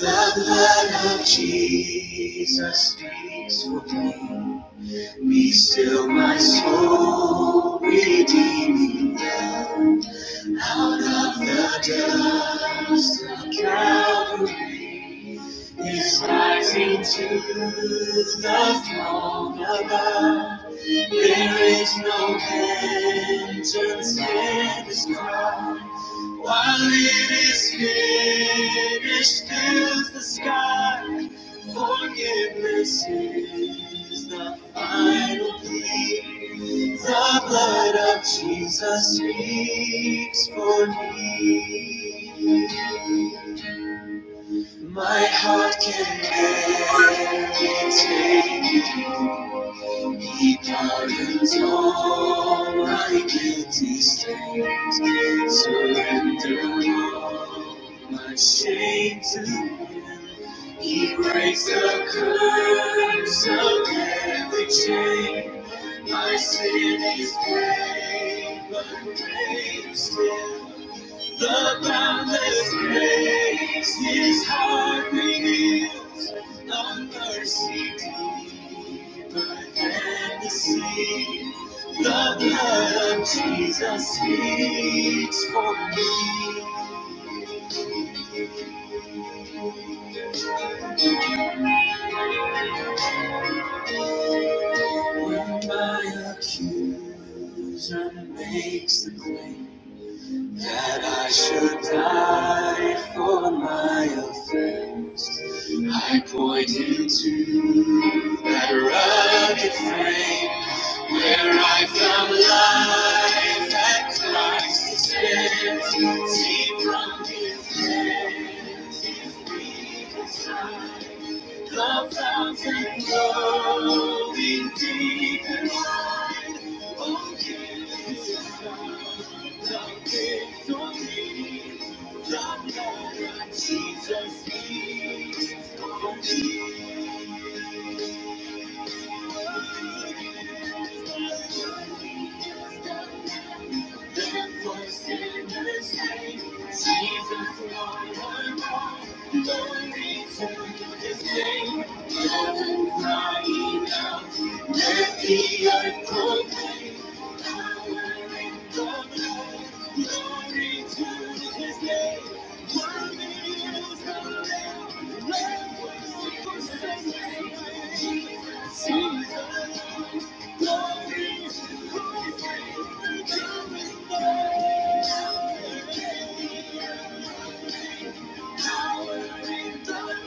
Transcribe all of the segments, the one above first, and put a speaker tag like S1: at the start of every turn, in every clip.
S1: The blood of Jesus speaks for me. Be still, my soul, redeeming. Out of the dust of Calvary is rising to the throne above. There is no penance in this crowd. While it is finished, fills the sky. Forgiveness is the final plea. The blood of Jesus speaks for me. My heart can barely take it. He pardons all my guilty stains. Surrender all my shame to Him. He breaks the curse of every chain. My sin is paid, but greater still. The boundless grace His heart reveals. A mercy deeper than the sea. The blood of Jesus speaks for me. When my accuser makes the claim that I should die for my offense, I point into that rugged frame where I found life at Christ's expense. See from His hand. Love fountain flowing deep within us sinners. Jesus, glory to his name. Heaven crying out, let the earth proclaim. Power in the blood. Glory to his name. Worthy is the Lamb. let Lamb was slain. Jesus, glory now. Eternal love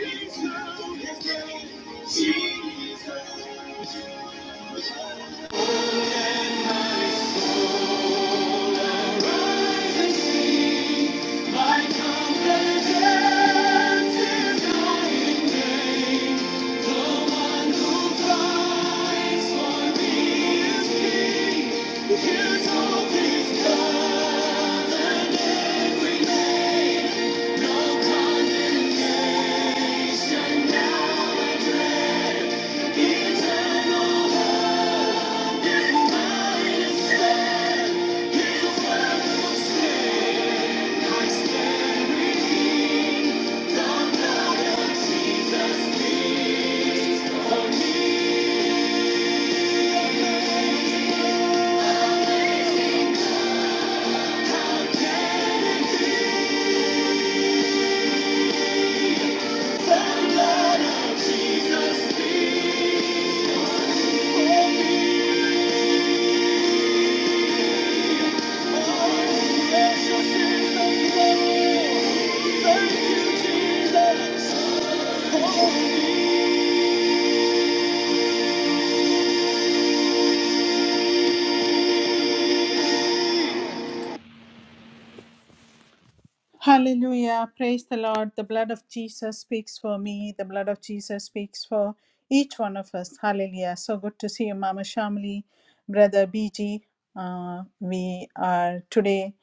S1: is mine instead. Thank you, Jesus. Hallelujah. Praise the Lord. The blood of Jesus speaks for me. The blood of Jesus speaks for each one of us. Hallelujah. So good to see you, Mama Shamli, Brother BG. Uh, we are today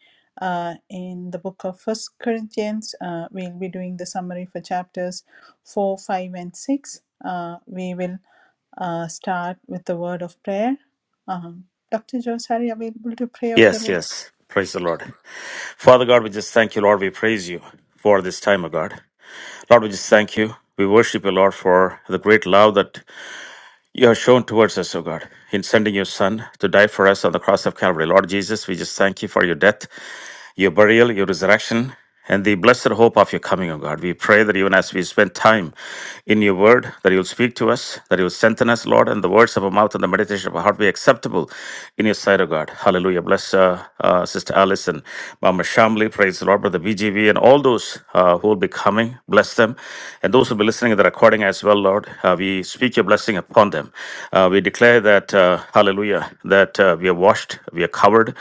S1: uh, in the book of First Corinthians. Uh, we'll be doing the summary for chapters 4, 5, and 6. Uh, we will uh, start with the word of prayer. Um, Dr. Josari, available to pray over the
S2: Yes,
S1: room?
S2: yes. Praise the Lord. Father God, we just thank you, Lord. We praise you for this time, O God. Lord, we just thank you. We worship you, Lord, for the great love that you have shown towards us, O God, in sending your Son to die for us on the cross of Calvary. Lord Jesus, we just thank you for your death your burial, your resurrection, and the blessed hope of your coming, O God. We pray that even as we spend time in your word, that you'll speak to us, that you'll strengthen us, Lord, and the words of our mouth and the meditation of our heart be acceptable in your sight, O God. Hallelujah. Bless uh, uh, Sister Allison, Mama Shamli, praise the Lord, Brother BGV, and all those uh, who will be coming. Bless them. And those who will be listening to the recording as well, Lord, uh, we speak your blessing upon them. Uh, we declare that, uh, hallelujah, that uh, we are washed, we are covered Lord,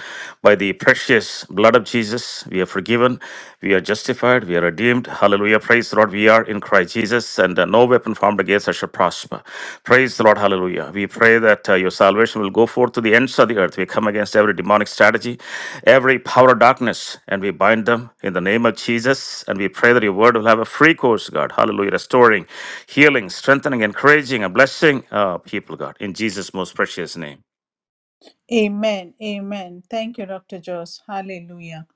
S2: By the precious blood of Jesus, we are forgiven, we are justified, we are redeemed. Hallelujah. Praise the Lord. We are in Christ Jesus, and uh, no weapon formed against us shall prosper. Praise the Lord. Hallelujah. We pray that uh, your salvation will go forth to the ends of the earth. We come against every demonic strategy, every power of darkness, and we bind them in the name of Jesus. And we pray that your word will have a free course, God. Hallelujah. Restoring, healing, strengthening, encouraging, and blessing uh, people, God. In Jesus' most precious name.
S1: Amen. Amen. Thank you, Dr. Joss. Hallelujah.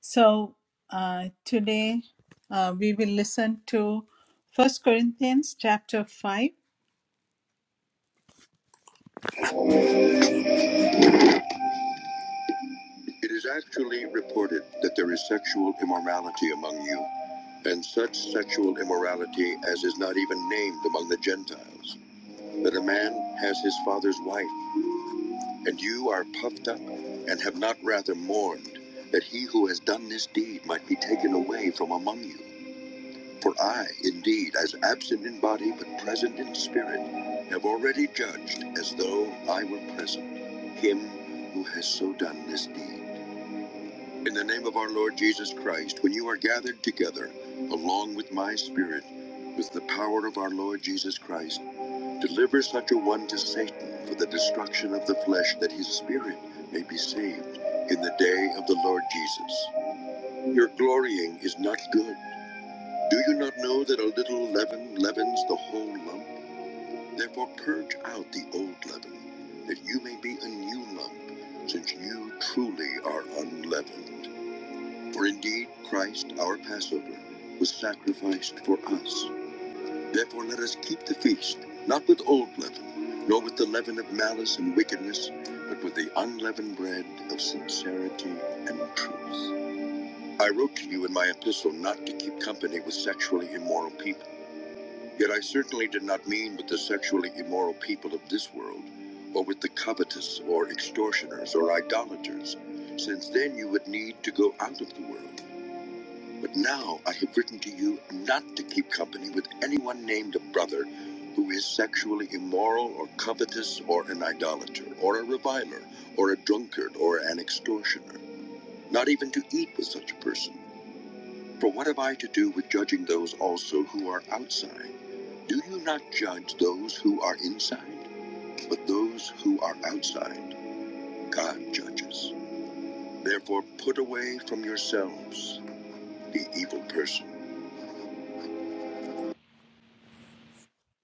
S1: So uh, today uh, we will listen to First Corinthians chapter 5.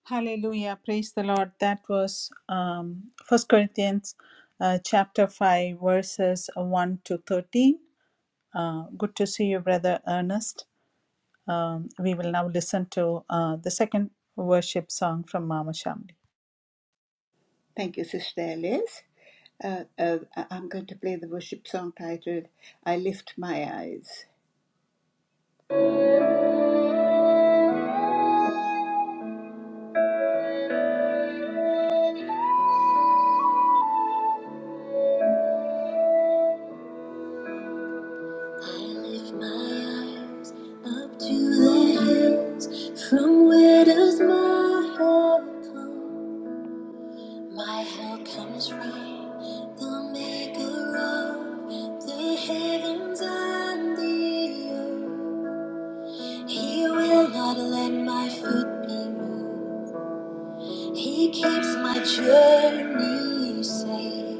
S1: Hallelujah. Praise the Lord. That was um, 1 Corinthians uh, chapter 5, verses 1 to 13. Uh, good to see you, Brother Ernest. Um, we will now listen to uh, the second worship song from Mama Shamli.
S3: Thank you, Sister Alice. Uh, uh, I- am going to play the worship song titled I Lift My Eyes. I lift my eyes up to the hills. From where does my help come? My help comes from the maker of the heavens and the earth. He will not let my foot be moved. He keeps my journey safe.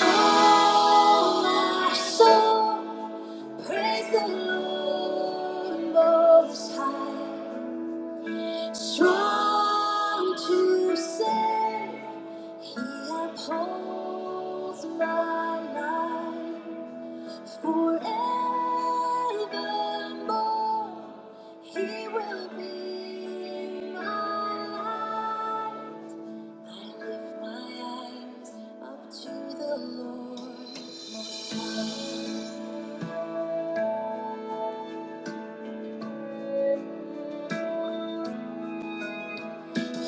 S3: Oh, my soul, praise the Lord Most High. Strong to save, He upholds my life forevermore. He will be my life. I lift my eyes up to the Lord He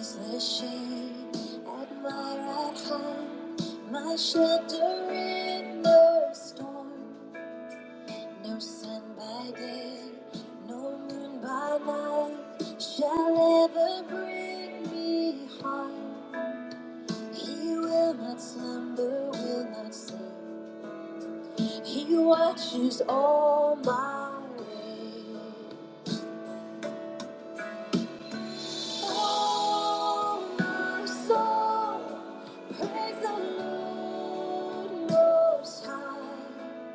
S3: is the shade at my right hand, my shelter in the storm. No sun by day, no moon by night shall ever bring me harm. He will not slumber, will not sleep. He watches all my ways. Oh, my soul, praise the Lord Most High.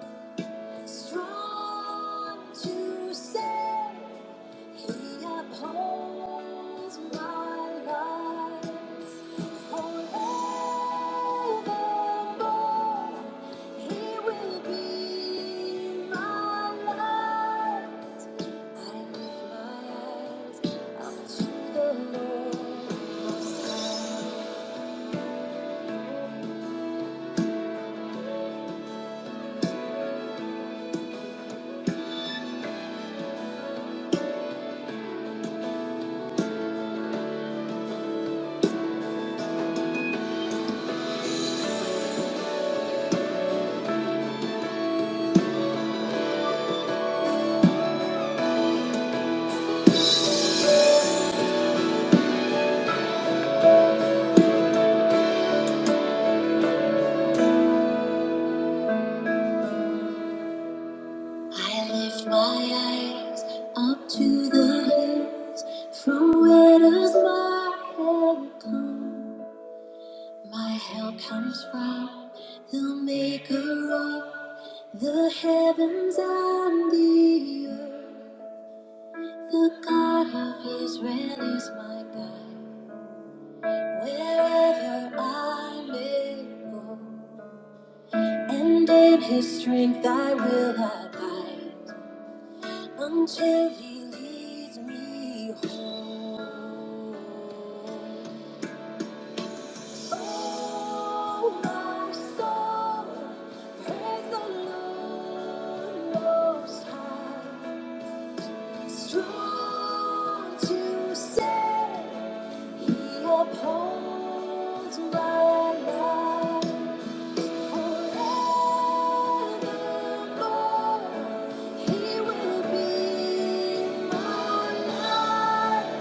S3: Strong to save. He upholds my life forevermore. He will be my light. I lift my eyes up to the Lord Most High. I lift my eyes up to the hills, from where does my help come? My help comes from the maker of the heavens and the earth. The God of Israel is my guide, wherever I may go. And in his strength I will abide until he leads me home. Oh, my soul, praise the Lord Most High. Strong to save, He upholds my life. Forevermore, He will be my light.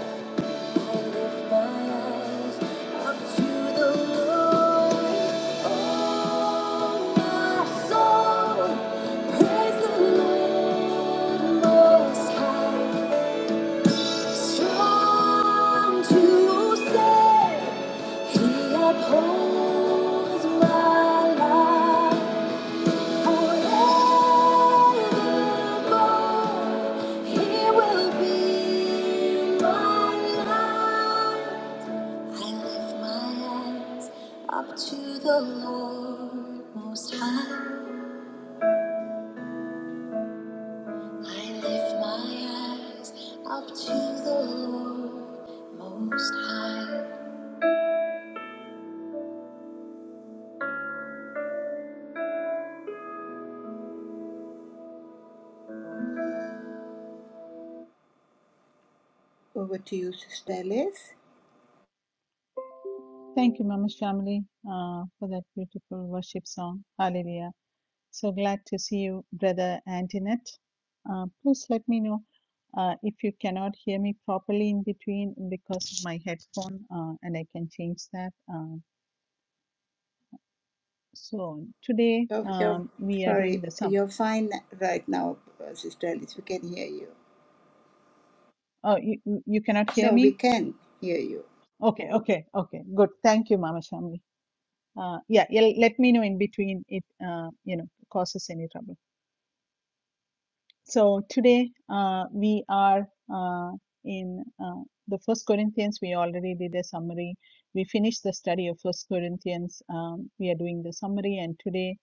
S3: Lift my eyes up to the Lord. Oh, my soul, praise the Lord Most High. Strong to save, He upholds my life. Forevermore, He will be my life. I lift my eyes up to the Lord Most High. I lift my eyes up to the Lord Most High. Over to you, Sister Alice.
S1: Thank you, Mama Shamli, uh, for that beautiful worship song. Hallelujah. So glad to see you, Brother Antoinette. Uh, please let me know uh, if you cannot hear me properly in between because of my headphone, uh, and I can change that. Uh, so today
S3: you you're,
S1: um, we are doing
S3: sorry,
S1: the sum.
S3: you're fine right now, uh, Sister Alice. We can hear you.
S1: Oh, you, you you cannot hear
S3: No, we
S1: me?
S3: can hear you.
S1: Okay, okay, okay. Good. Thank you, Mama Shamli. Uh, yeah, yeah, let me know in between it, uh, you know, causes any trouble. So today uh, we are uh, in uh, the First Corinthians. We already did a summary. We finished the study of First Corinthians. Um, we are doing the summary, and today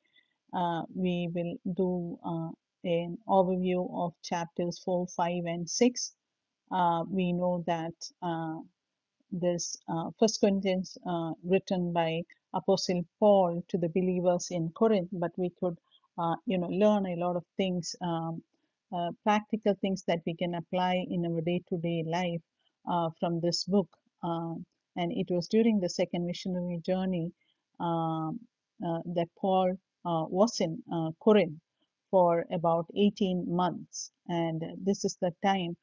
S1: uh, we will do uh, an overview of chapters four, five, and six. Uh, we know that uh, this uh, First Corinthians uh, written by Apostle Paul to the believers in Corinth, but we could, uh, you know, learn a lot of things, um, uh, practical things that we can apply in our day-to-day life uh, from this book. Um and it was during the second missionary journey um, uh, that Paul uh, was in uh, Corinth for about 18 months, and this is the time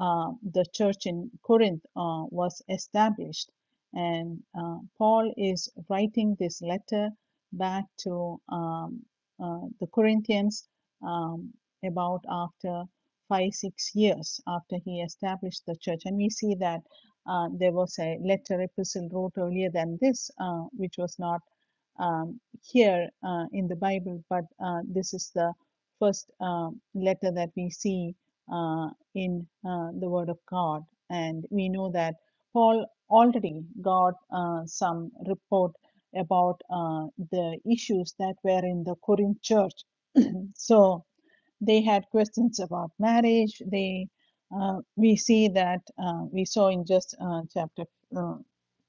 S1: uh, the church in Corinth uh, was established. And uh, Paul is writing this letter back to um, uh, the Corinthians um, about after five, six years after he established the church. And we see that uh, there was a letter epistle wrote earlier than this, uh, which was not um, here uh, in the Bible, but uh, this is the first um letter that we see uh, in uh, the Word of God. And we know that Paul already got uh, some report about uh, the issues that were in the Corinth church. So they had questions about marriage. They uh, we see that uh, we saw in just uh, chapter uh,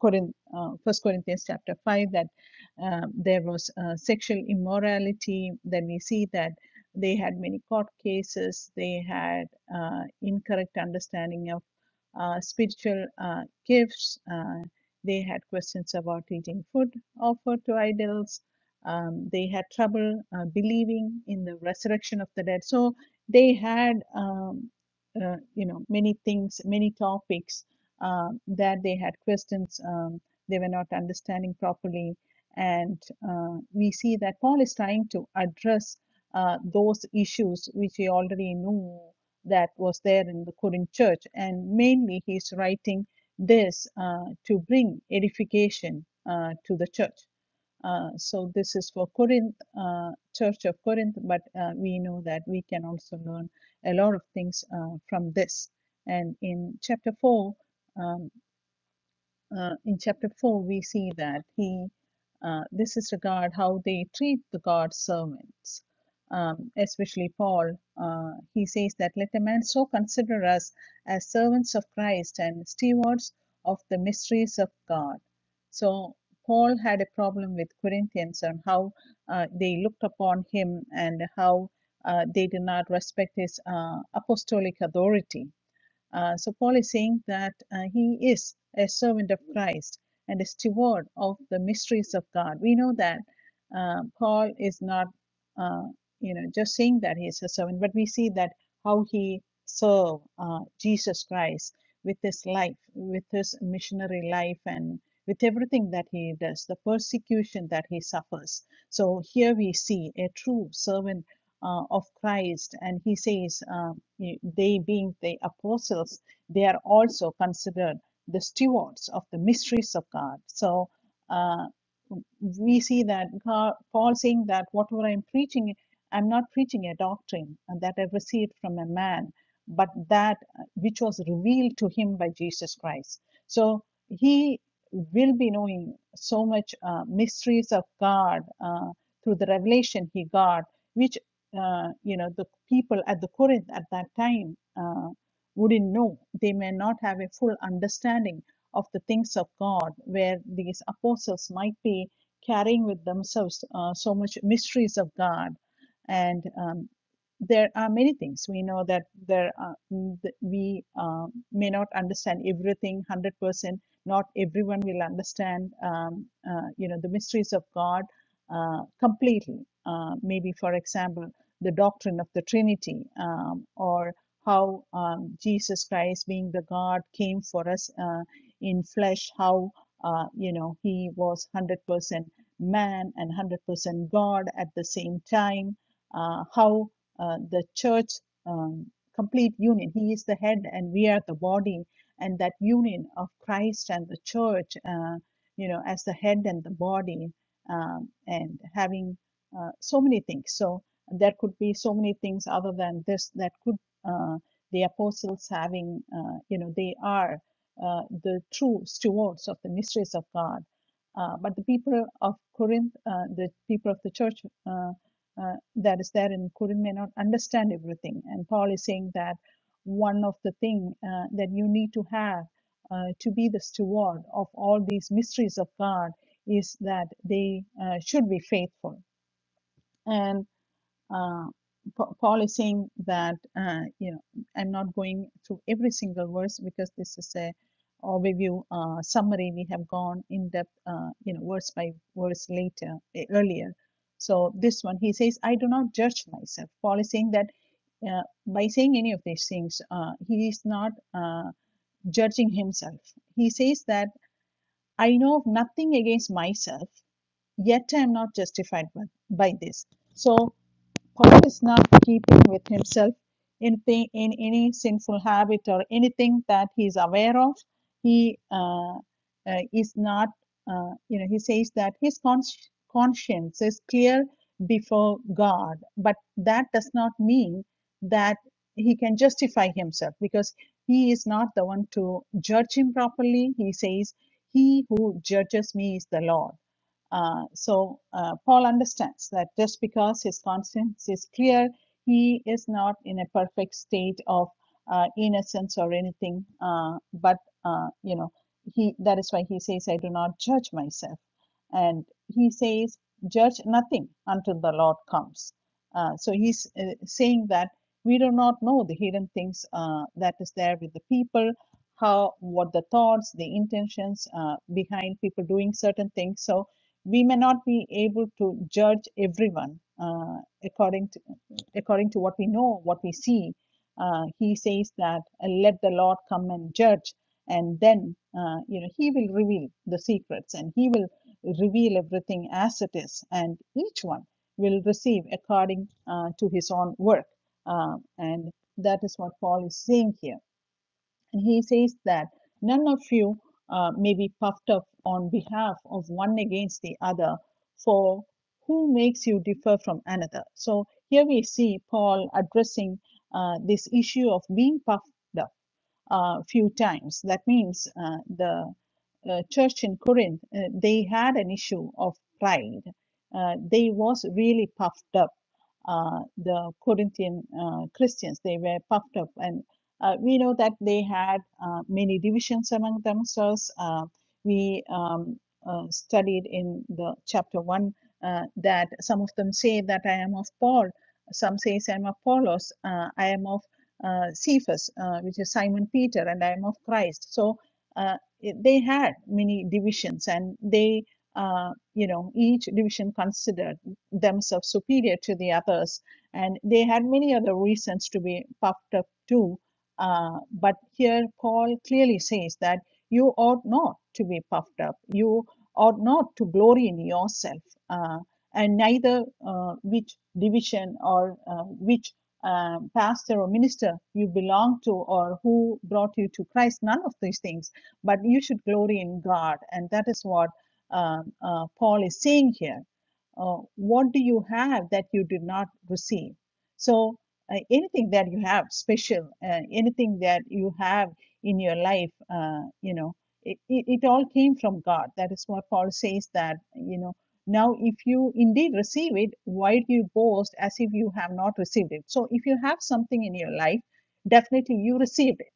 S1: Corinth, uh, First Corinthians chapter five that um, there was uh, sexual immorality. Then we see that they had many court cases. They had uh, incorrect understanding of uh, spiritual uh, gifts. Uh, they had questions about eating food offered to idols um, they had trouble uh, believing in the resurrection of the dead so they had um, uh, you know many things many topics um that they had questions um, they were not understanding properly and uh, we see that paul is trying to address uh, those issues which he already knew that was there in the Corinth church and mainly he's writing this uh, to bring edification uh, to the church uh, so this is for Corinth, uh, Church of Corinth, but uh, we know that we can also learn a lot of things uh, from this. And in chapter 4, um, uh, in chapter 4 we see that he uh, this is regard how they treat the god's servants um, especially paul uh, he says that let a man so consider us as servants of christ and stewards of the mysteries of god so paul had a problem with corinthians on how uh, they looked upon him and how uh, they did not respect his uh, apostolic authority uh, so Paul is saying that uh, he is a servant of Christ and a steward of the mysteries of God. We know that uh, Paul is not, uh, you know, just saying that he is a servant, but we see that how he served uh, Jesus Christ with his life, with his missionary life, and with everything that he does, the persecution that he suffers. So here we see a true servant uh, of Christ, and he says, uh, they being the apostles, they are also considered the stewards of the mysteries of God. So uh, we see that God, Paul saying that whatever I'm preaching, I'm not preaching a doctrine that I received from a man, but that which was revealed to him by Jesus Christ. So he will be knowing so much uh, mysteries of God uh, through the revelation he got, which uh, you know the people at the Corinth at that time uh, wouldn't know. They may not have a full understanding of the things of God, where these apostles might be carrying with themselves uh, so much mysteries of God, and um, there are many things we know that there are mm, th- we uh, may not understand everything 100% not everyone will understand um, uh, you know the mysteries of god uh, completely uh, maybe for example the doctrine of the Trinity um, or how um, Jesus Christ, being the God, came for us uh, in flesh, how uh, you know he was 100% man and 100% God at the same time, uh, how uh, the church um, complete union. He is the head and we are the body, and that union of Christ and the church, uh, you know, as the head and the body, um, and having uh, so many things. So there could be so many things other than this that could uh, the apostles having uh, you know they are uh, the true stewards of the mysteries of god uh, but the people of corinth uh, the people of the church uh, uh, that is there in corinth may not understand everything and paul is saying that one of the thing uh, that you need to have uh, to be the steward of all these mysteries of god is that they uh, should be faithful and uh, Pa- Paul is saying that uh, you know I'm not going through every single verse because this is a overview uh, summary. We have gone in depth, uh, you know, verse by verse later eh, earlier. So this one, he says, I do not judge myself. Paul is saying that uh, by saying any of these things, uh, he is not uh, judging himself. He says that I know of nothing against myself, yet I am not justified by, by this. So Paul is not keeping with himself anything in any sinful habit or anything that he is aware of. He uh, uh, is not, uh, you know, he says that his cons- conscience is clear before God, but that does not mean that he can justify himself because he is not the one to judge him properly. He says, He who judges me is the Lord uh, so uh, Paul understands that just because his conscience is clear, he is not in a perfect state of uh, innocence or anything. Uh, but uh, you know, he that is why he says, "I do not judge myself," and he says, "Judge nothing until the Lord comes." Uh, so he's uh, saying that we do not know the hidden things uh, that is there with the people, how what the thoughts, the intentions uh, behind people doing certain things. So we may not be able to judge everyone uh, according to according to what we know, what we see. Uh, he says that uh, let the Lord come and judge, and then uh, you know He will reveal the secrets, and He will reveal everything as it is, and each one will receive according uh, to his own work, uh, and that is what Paul is saying here and he says that none of you uh, may be puffed up on behalf of one against the other, for who makes you differ from another? So here we see Paul addressing uh, this issue of being puffed up a uh, few times. That means uh, the uh, church in Corinth, uh, they had an issue of pride. Uh, they was really puffed up. Uh, the Corinthian uh, Christians, they were puffed up, and uh, we know that they had uh, many divisions among themselves. Uh, we um, uh, studied in the chapter one uh, that some of them say that I am of Paul, some say I am of Apollos, uh, I am of uh, Cephas, uh, which is Simon Peter, and I am of Christ. So uh, they had many divisions, and they, uh, you know, each division considered themselves superior to the others, and they had many other reasons to be puffed up too uh, but here, Paul clearly says that you ought not to be puffed up. You ought not to glory in yourself, uh, and neither uh, which division or uh, which um, pastor or minister you belong to or who brought you to Christ, none of these things. But you should glory in God. And that is what um, uh, Paul is saying here. Uh, what do you have that you did not receive? So uh, anything that you have special, uh, anything that you have in your life, uh, you know, it, it, it all came from God. That is what Paul says that, you know, now if you indeed receive it, why do you boast as if you have not received it? So if you have something in your life, definitely you received it.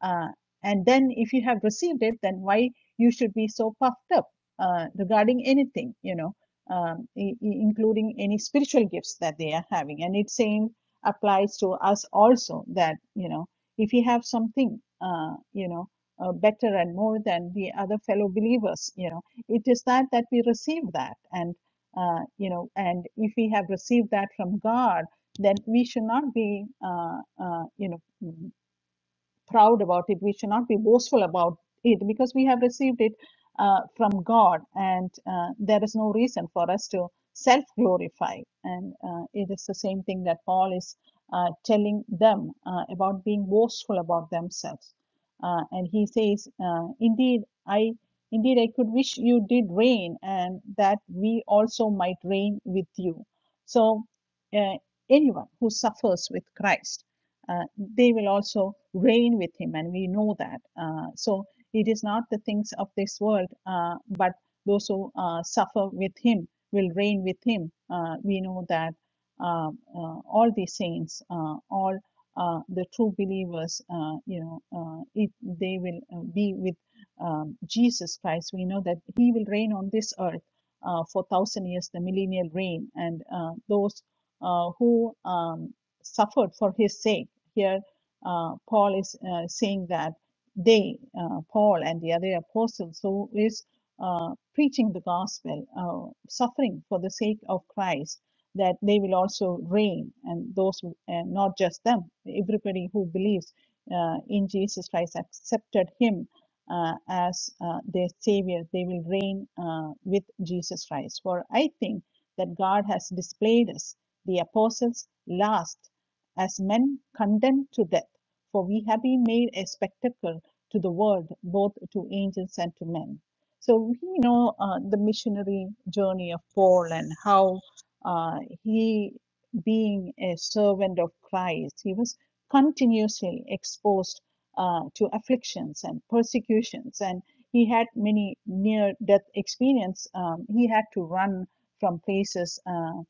S1: Uh, and then if you have received it, then why you should be so puffed up uh, regarding anything, you know, um, i- i- including any spiritual gifts that they are having. And it's saying applies to us also that you know if we have something uh, you know uh, better and more than the other fellow believers you know it is that that we receive that and uh, you know and if we have received that from god then we should not be uh, uh, you know proud about it. We should not be boastful about it because we have received it uh, from God, and uh, there is no reason for us to self glorify. And uh, it is the same thing that Paul is uh, telling them uh, about being boastful about themselves. Uh, and he says, uh, Indeed, I Indeed, I could wish you did reign, and that we also might reign with you. So, uh, anyone who suffers with Christ. uh, they will also reign with him, and we know that. Uh, so it is not the things of this world, uh, but those who uh, suffer with him will reign with him. Uh, we know that uh, uh, all the saints, uh, all uh, the true believers, uh, you know, uh, it, they will uh, be with um, Jesus Christ. We know that He will reign on this earth uh, for thousand years, the millennial reign, and uh, those uh, who um, suffered for His sake. Here uh, Paul is uh, saying that they, uh, Paul and the other apostles, who is uh, preaching the gospel, uh, suffering for the sake of Christ, that they will also reign, and those, and not just them, everybody who believes uh, in Jesus Christ accepted Him uh, as uh, their Savior, they will reign uh, with Jesus Christ. For I think that God has displayed us, the apostles, last as men condemned to death, for we have been made a spectacle to the world, both to angels and to men. So we know uh, the missionary journey of Paul and how uh, he, being a servant of Christ, he was continuously exposed uh, to afflictions and persecutions, and he had many near-death experience. Um, he had to run from places. Uh,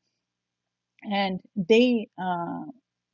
S1: and they uh,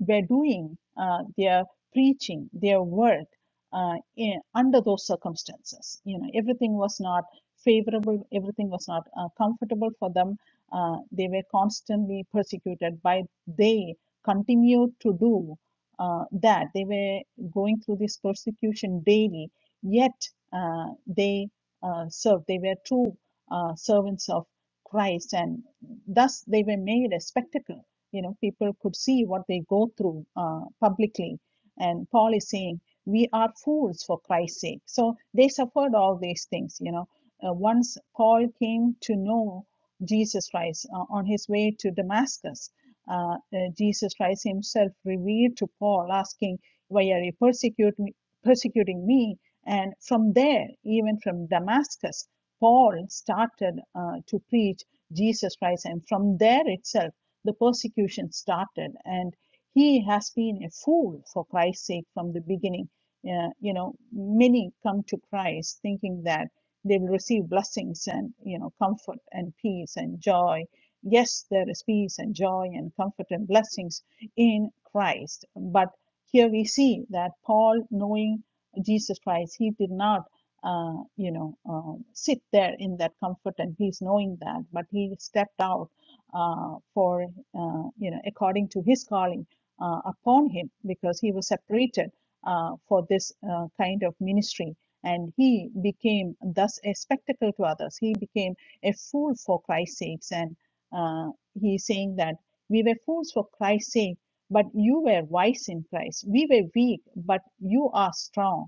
S1: were doing uh, their preaching, their work uh, in, under those circumstances. You know, everything was not favorable, everything was not uh, comfortable for them. Uh, they were constantly persecuted, but they continued to do uh, that. They were going through this persecution daily, yet uh, they uh, served. They were true uh, servants of Christ, and thus they were made a spectacle you know people could see what they go through uh, publicly and paul is saying we are fools for christ's sake so they suffered all these things you know uh, once paul came to know jesus christ uh, on his way to damascus uh, uh, jesus christ himself revealed to paul asking why are you persecute me, persecuting me and from there even from damascus paul started uh, to preach Jesus Christ. And from there itself, the persecution started. And he has been a fool for Christ's sake from the beginning. Uh, you know, many come to Christ thinking that they will receive blessings and, you know, comfort and peace and joy. Yes, there is peace and joy and comfort and blessings in Christ. But here we see that Paul, knowing Jesus Christ, he did not uh, you know, um, sit there in that comfort, and he's knowing that. But he stepped out uh, for, uh, you know, according to his calling uh, upon him, because he was separated uh, for this uh, kind of ministry, and he became thus a spectacle to others. He became a fool for Christ's sakes, and uh, he's saying that we were fools for Christ's sake, but you were wise in Christ. We were weak, but you are strong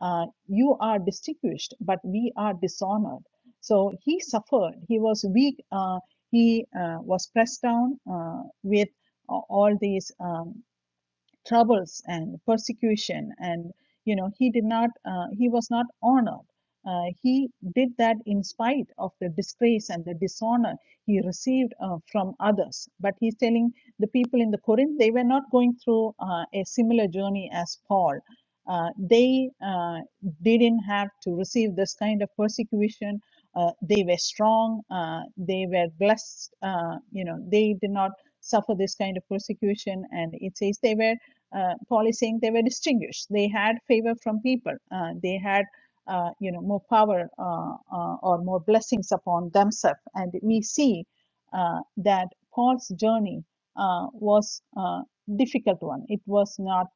S1: uh, you are distinguished, but we are dishonored. So he suffered. He was weak. Uh, he uh, was pressed down uh, with all these. Um, troubles and persecution and you know he did not uh, he was not honored uh, he did that in spite of the disgrace and the dishonor he received uh, from others but he's telling the people in the corinth they were not going through uh, a similar journey as paul uh, they uh, didn't have to receive this kind of persecution uh, they were strong uh, they were blessed uh, you know they did not suffer this kind of persecution and it says they were uh, Pauli saying they were distinguished. They had favor from people. Uh, they had, uh, you know, more power uh, uh, or more blessings upon themselves. And we see uh, that Paul's journey uh, was a difficult one. It was not,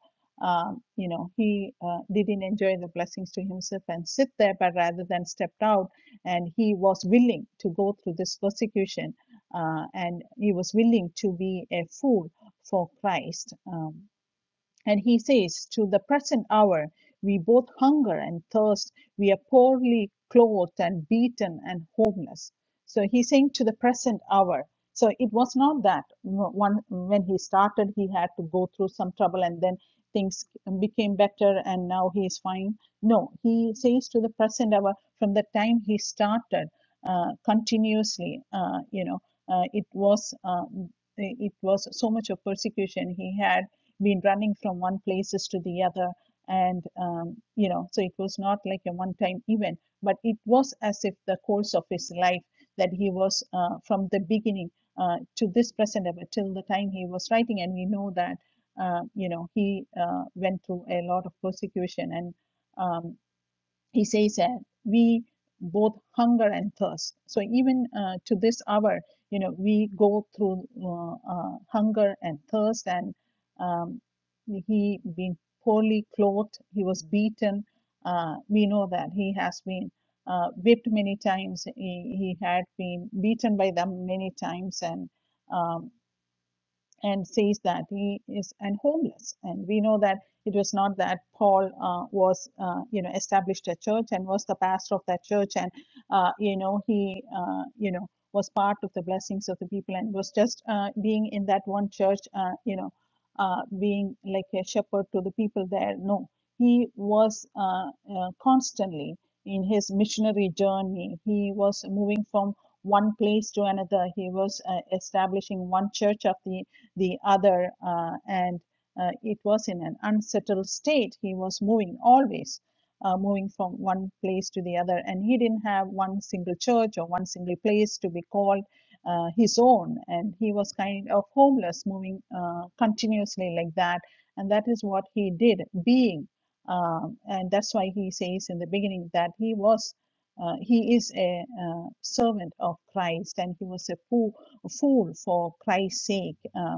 S1: um, you know, he uh, didn't enjoy the blessings to himself and sit there, but rather than stepped out, and he was willing to go through this persecution, uh, and he was willing to be a fool for Christ. Um, and he says, To the present hour, we both hunger and thirst. We are poorly clothed and beaten and homeless. So he's saying, To the present hour. So it was not that one when he started, he had to go through some trouble and then things became better and now he is fine. No, he says to the present hour from the time he started uh, continuously, uh, you know, uh, it was. Uh, it was so much of persecution he had been running from one places to the other and um, you know so it was not like a one time event but it was as if the course of his life that he was uh, from the beginning uh, to this present ever till the time he was writing and we know that uh, you know he uh, went through a lot of persecution and um, he says that we both hunger and thirst so even uh, to this hour you know we go through uh, uh, hunger and thirst and um, he being poorly clothed he was beaten uh, we know that he has been uh, whipped many times he, he had been beaten by them many times and um, and says that he is and homeless and we know that it was not that paul uh, was uh, you know established a church and was the pastor of that church and uh, you know he uh, you know was part of the blessings of the people and was just uh, being in that one church uh, you know uh, being like a shepherd to the people there no he was uh, uh, constantly in his missionary journey he was moving from one place to another he was uh, establishing one church of the the other, uh, and uh, it was in an unsettled state. He was moving always, uh, moving from one place to the other, and he didn't have one single church or one single place to be called uh, his own. And he was kind of homeless, moving uh, continuously like that. And that is what he did, being. Um, and that's why he says in the beginning that he was. Uh, he is a uh, servant of Christ, and he was a fool, a fool for Christ's sake. Uh,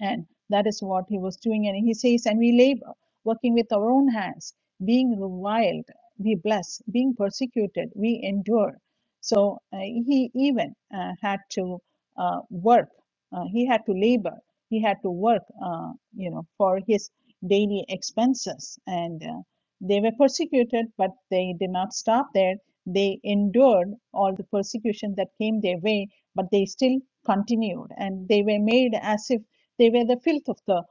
S1: and that is what he was doing. And he says, and we labor, working with our own hands, being reviled, we bless, being persecuted, we endure. So uh, he even uh, had to uh, work, uh, he had to labor, he had to work, uh, you know, for his daily expenses. And uh, they were persecuted, but they did not stop there. They endured all the persecution that came their way, but they still continued and they were made as if they were the filth of the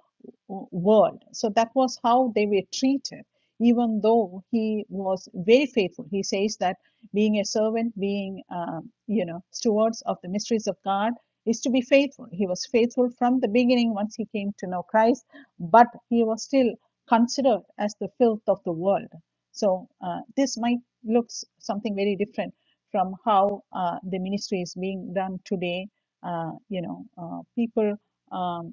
S1: world. So that was how they were treated, even though he was very faithful. He says that being a servant, being, um, you know, stewards of the mysteries of God is to be faithful. He was faithful from the beginning once he came to know Christ, but he was still considered as the filth of the world. So uh, this might look something very different from how uh, the ministry is being done today. Uh, you know, uh, people. Um,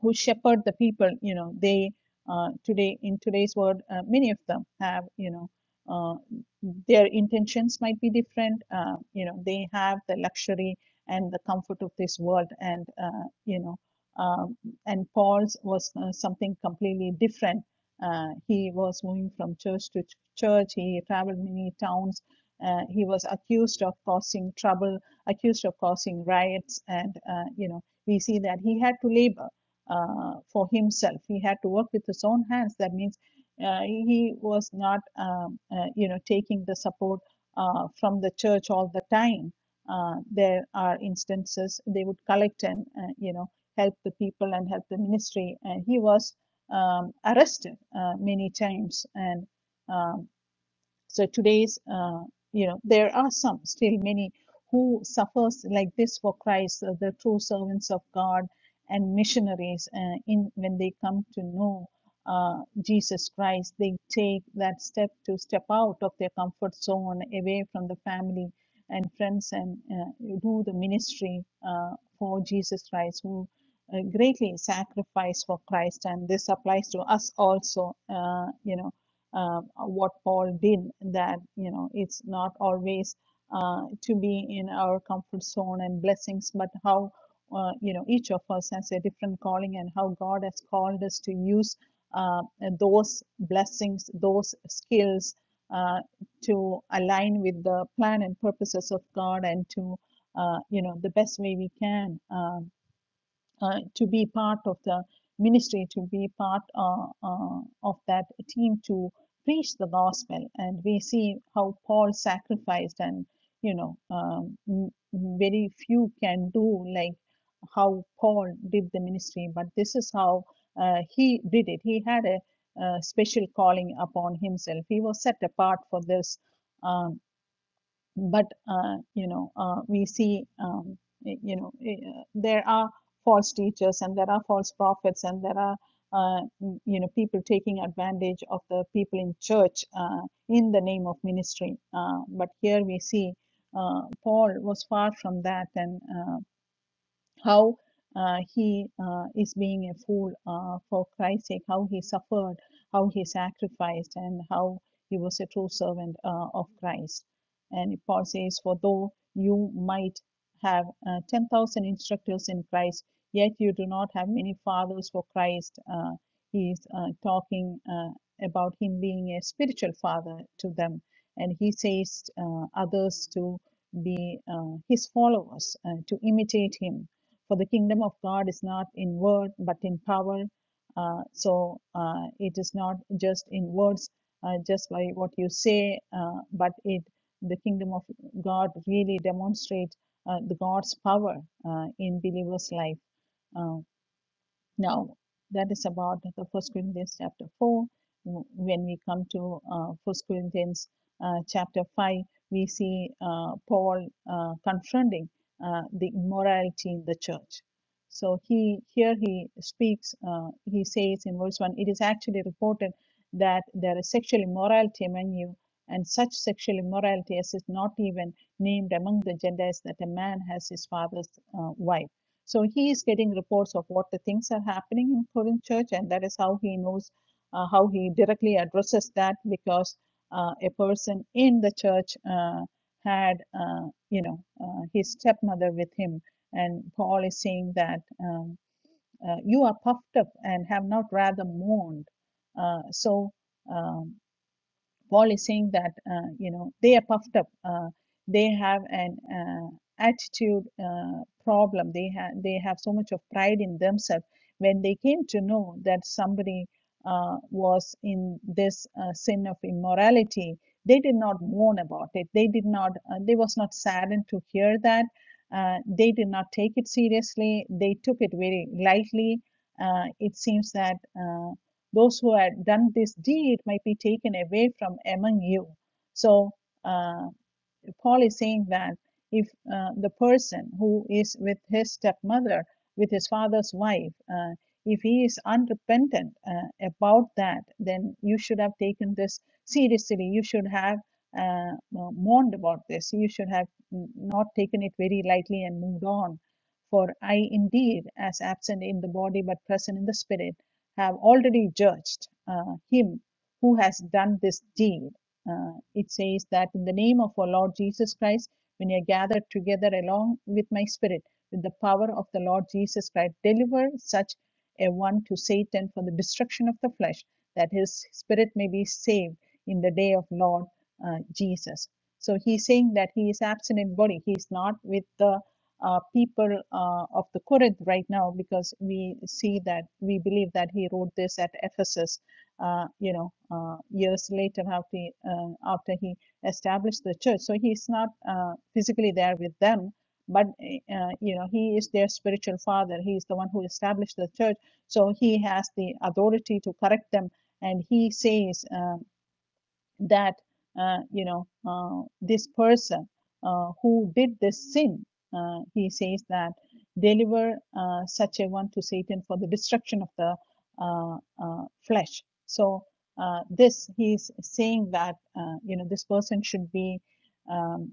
S1: who shepherd the people you know they uh, today in today's world uh, many of them have you know uh, their intentions might be different uh, you know they have the luxury and the comfort of this world and uh, you know um, and paul's was uh, something completely different uh, he was moving from church to ch- church he traveled many towns uh, he was accused of causing trouble accused of causing riots and uh, you know we see that he had to labor uh, for himself. He had to work with his own hands. That means uh, he was not, um, uh, you know, taking the support uh, from the church all the time. Uh, there are instances they would collect and, uh, you know, help the people and help the ministry. And he was um, arrested uh, many times and. uh, so today's, uh, you know, there are some still many who suffers like this for Christ, uh, the true servants of God and missionaries. Uh, in when they come to know uh, Jesus Christ, they take that step to step out of their comfort zone, away from the family and friends, and uh, do the ministry uh, for Jesus Christ, who uh, greatly sacrifice for Christ. And this applies to us also. Uh, you know uh, what Paul did that you know it's not always uh, to be in our comfort zone and blessings, but how uh, you know each of us has a different calling and how God has called us to use uh, those blessings, those skills uh, to align with the plan and purposes of God and to uh, you know the best way we can. Um, uh, to be part of the ministry, to be part uh, uh, of that team to preach the gospel. And we see how Paul sacrificed, and you know, um, very few can do like how Paul did the ministry, but this is how uh, he did it. He had a, uh special calling upon himself. He was set apart for this. uh, but uh, you know uh, we see um, y- you know eh, uh, there are false teachers and there are false prophets and there are uh, m- you know people taking advantage of the people in church uh, in the name of ministry uh, but here we see uh, paul was far from that and uh, how uh, he uh, is being a fool uh, for Christ's sake, how he suffered, how he sacrificed, and how he was a true servant uh, of Christ. And Paul says, For though you might have uh, 10,000 instructors in Christ, yet you do not have many fathers for Christ. Uh, he is uh, talking uh, about him being a spiritual father to them. And he says uh, others to be uh, his followers, uh, to imitate him for the kingdom of God is not in word, but in power. Uh, so uh, it is not just in words, uh, just by what you say, uh, but it the kingdom of God really demonstrates uh, the God's power uh, in believers' life. Uh, now, that is about the First Corinthians chapter 4. When we come to uh, First Corinthians uh, chapter 5, we see uh, Paul uh, confronting uh, the immorality in the church. So he here he speaks. Uh, he says in verse one, it is actually reported that there is sexual immorality among you, and such sexual immorality as is not even named among the Gentiles that a man has his father's uh, wife so he is getting reports of what the things are happening in Korean church, and that is how he knows uh, how he directly addresses that because uh, a person in the church uh, had, uh, you know, uh, his stepmother with him, and Paul is saying that um, uh, you are puffed up and have not rather mourned. Uh, so. Um, Paul is saying that uh, you know they are puffed up. Uh, they have an uh, attitude uh, problem. They have they have so much of pride in themselves. When they came to know that somebody uh, was in this uh, sin of immorality, they did not mourn about it. They did not. Uh, they was not saddened to hear that. Uh, they did not take it seriously. They took it very lightly. Uh, it seems that. Uh, those who had done this deed might be taken away from among you. So uh, Paul is saying that if uh, the person who is with his stepmother, with his father's wife, uh, if he is unrepentant uh, about that, then you should have taken this seriously. You should have uh, mourned about this. You should have mm, not taken it very lightly and moved on. For I indeed, as absent in the body but present in the spirit, have already judged uh, him who has done this deed uh, it says that in the name of our Lord Jesus Christ, when you are gathered together along with my spirit, with the power of the Lord Jesus Christ, deliver such a one to Satan for the destruction of the flesh, that his spirit may be saved in the day of Lord uh, Jesus. So he's saying that he is absent in body. He is not with the uh, people uh, of the Corinth right now because we see that we believe that he wrote this at Ephesus uh, you know, uh, years later after he, uh, after he established the church. So he's not uh, physically there with them, but uh, you know, he is their spiritual father. He is the one who established the church, so he has the authority to correct them. And he says, uh, that uh, you know uh, this person uh, who did this sin uh, he says that deliver uh, such a one to satan for the destruction of the uh, uh, flesh so uh, this he is saying that uh, you know this person should be um,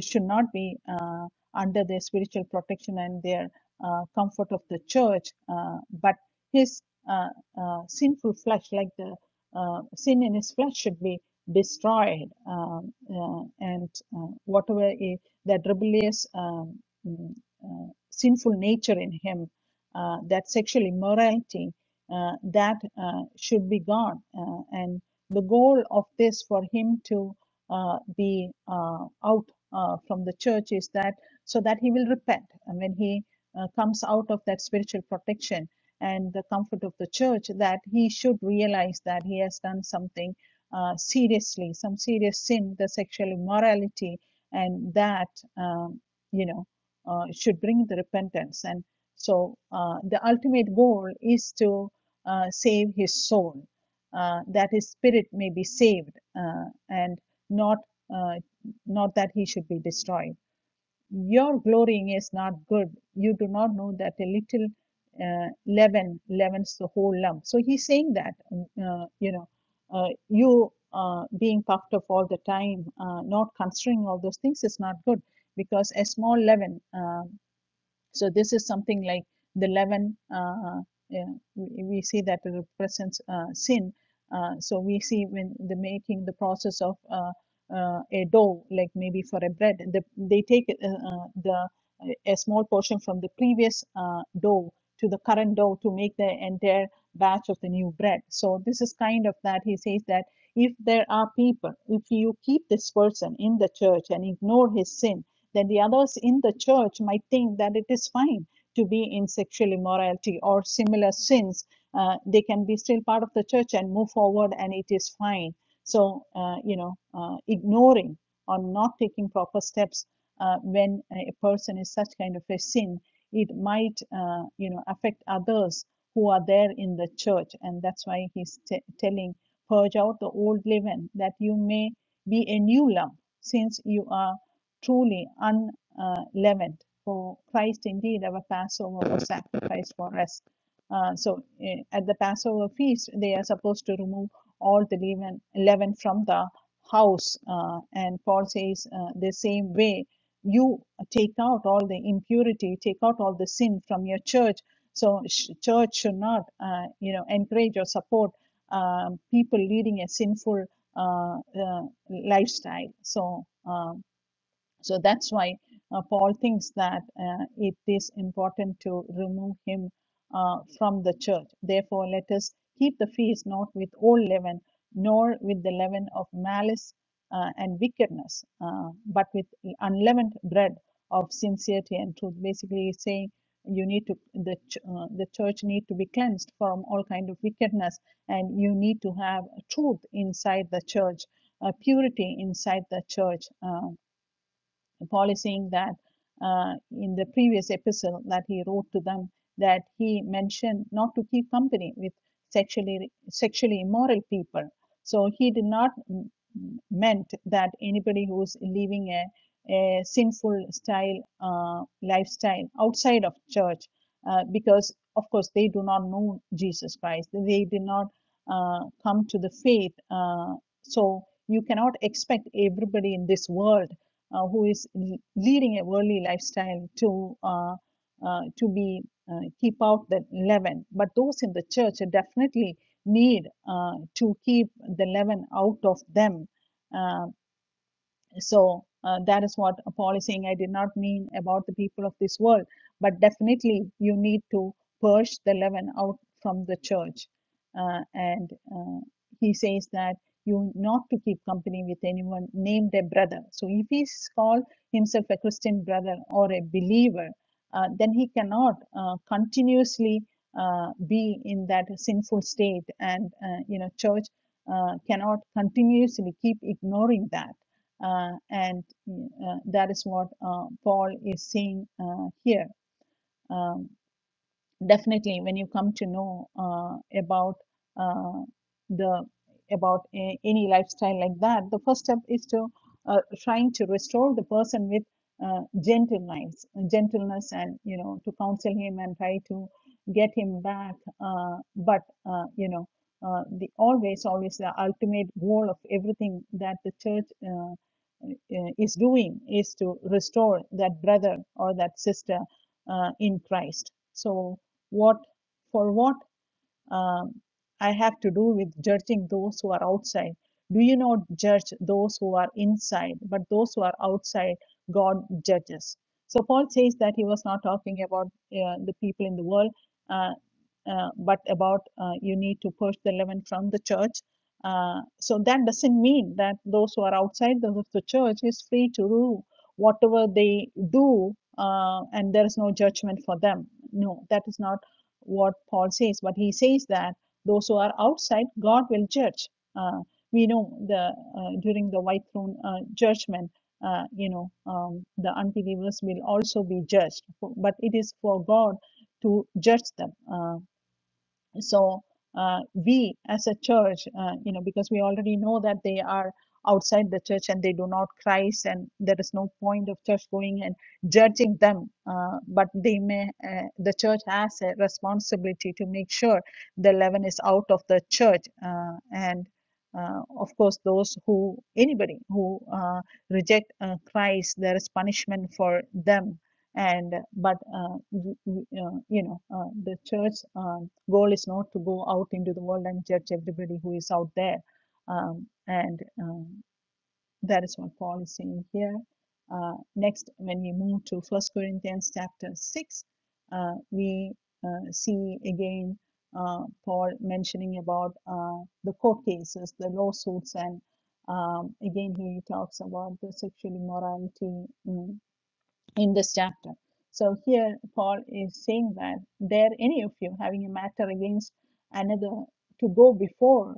S1: should not be uh, under their spiritual protection and their uh, comfort of the church uh, but his uh, uh, sinful flesh like the uh, sin in his flesh should be destroyed, um, uh, and uh, whatever i- that rebellious, um, mm, uh, sinful nature in him, uh, that sexual immorality, uh, that uh, should be gone. Uh, and the goal of this for him to uh, be uh, out uh, from the church is that so that he will repent. And when he uh, comes out of that spiritual protection and the comfort of the church, that he should realize that he has done something uh, seriously, some serious sin, the sexual immorality, and that um, you know uh, should bring the repentance. And so uh, the ultimate goal is to uh, save his soul, uh, that his spirit may be saved, uh, and not uh, not that he should be destroyed. Your glorying is not good. You do not know that a little uh, leaven leavens the whole lump. So he's saying that, mm, uh, you know, uh, you uh, being puffed up all the time, uh, not considering all those things is not good because a small leaven. uh, so this is something like the leaven. Uh, uh, yeah, we, we see that it represents uh, sin. Uh, so we see when the making the process of uh, uh, a dough, like maybe for a bread, the, they take uh, uh, the a small portion from the previous uh, dough to the current dough to make the entire batch of the new bread. So this is kind of that he says that if there are people, if you keep this person in the church and ignore his sin, then the others in the church might think that it is fine to be in sexual immorality or similar sins. Uh, they can be still part of the church and move forward, and it is fine. So, uh, you know, uh, ignoring or not taking proper steps uh, when a person is such kind of a sin, it might, uh, you know, affect others who are there in the church. And that's why he's t- telling, purge out the old leaven that you may be a new lump since you are truly unleavened. uh, For Christ indeed, our Passover was sacrificed for us. Uh, so eh, at the Passover feast, they are supposed to remove all the leaven, leaven from the house. Uh, and Paul says, uh, the same way, you take out all the impurity, take out all the sin from your church. So sh- church should not, uh, you know, encourage or support um, people leading a sinful uh, uh, lifestyle. So. um so that's why uh, Paul thinks that uh, it is important to remove him uh, from the church. Therefore, let us keep the feast not with old leaven, nor with the leaven of malice uh, and wickedness, uh, but with unleavened bread of sincerity and truth. Basically, he's saying you need to the ch- uh, the church need to be cleansed from all kind of wickedness, and you need to have truth inside the church, uh, purity inside the church. Uh, Paul is saying that uh, in the previous epistle that he wrote to them that he mentioned not to keep company with sexually sexually immoral people. So he did not mm, meant that anybody who is living a, a sinful style uh, lifestyle outside of church, uh, because of course they do not know Jesus Christ. They did not uh, come to the faith. Uh, so you cannot expect everybody in this world uh, who is leading a worldly lifestyle to uh, uh, to be uh, keep out the leaven. But those in the church definitely need uh, to keep the leaven out of them uh, so uh, that is what Paul is saying. I did not mean about the people of this world, but definitely you need to purge the leaven out from the church. Uh, and uh, he says that you not to keep company with anyone named a brother. So if he is called himself a Christian brother or a believer, uh, then he cannot uh, continuously uh, be in that sinful state, and uh, you know, church uh, cannot continuously keep ignoring that uh, and mm, uh, that is what uh, Paul is saying uh, here. Um, definitely when you come to know uh, about uh, the about a, any lifestyle like that the first step is to uh, trying to restore the person with uh, gentleness gentleness and you know to counsel him and try to get him back uh, but uh, you know uh, the always always the ultimate goal of everything that the church uh, uh, is doing is to restore that brother or that sister uh, in christ so what for what um, I have to do with judging those who are outside. Do you not judge those who are inside, but those who are outside, God judges. So Paul says that he was not talking about uh, the people in the world, uh, uh, but about uh, you need to purge the leaven from the church. Uh, so that doesn't mean that those who are outside the, the church is free to do whatever they do, uh, and there is no judgment for them. No, that is not what Paul says, but he says that those who are outside, God will judge. Uh, we know the uh, during the white throne uh, judgment, uh, you know, um, the unbelievers will also be judged, but it is for God to judge them. Uh, so uh, we as a church uh, you know because we already know that they are outside the church and they do not christ and there is no point of church going and judging them uh, but they may uh, the church has a responsibility to make sure the leaven is out of the church uh, and uh, of course those who anybody who uh, reject uh, christ there is punishment for them and but uh, y- y- uh, you know uh, the church um, goal is not to go out into the world and judge everybody who is out there um, and um, that is what paul is saying here uh, next when we move to first corinthians chapter 6 uh, we uh, see again uh, paul mentioning about uh, the court cases the lawsuits and um, again he talks about the sexual immorality mm, in this chapter. So here Paul is saying that there any of you having a matter against another to go before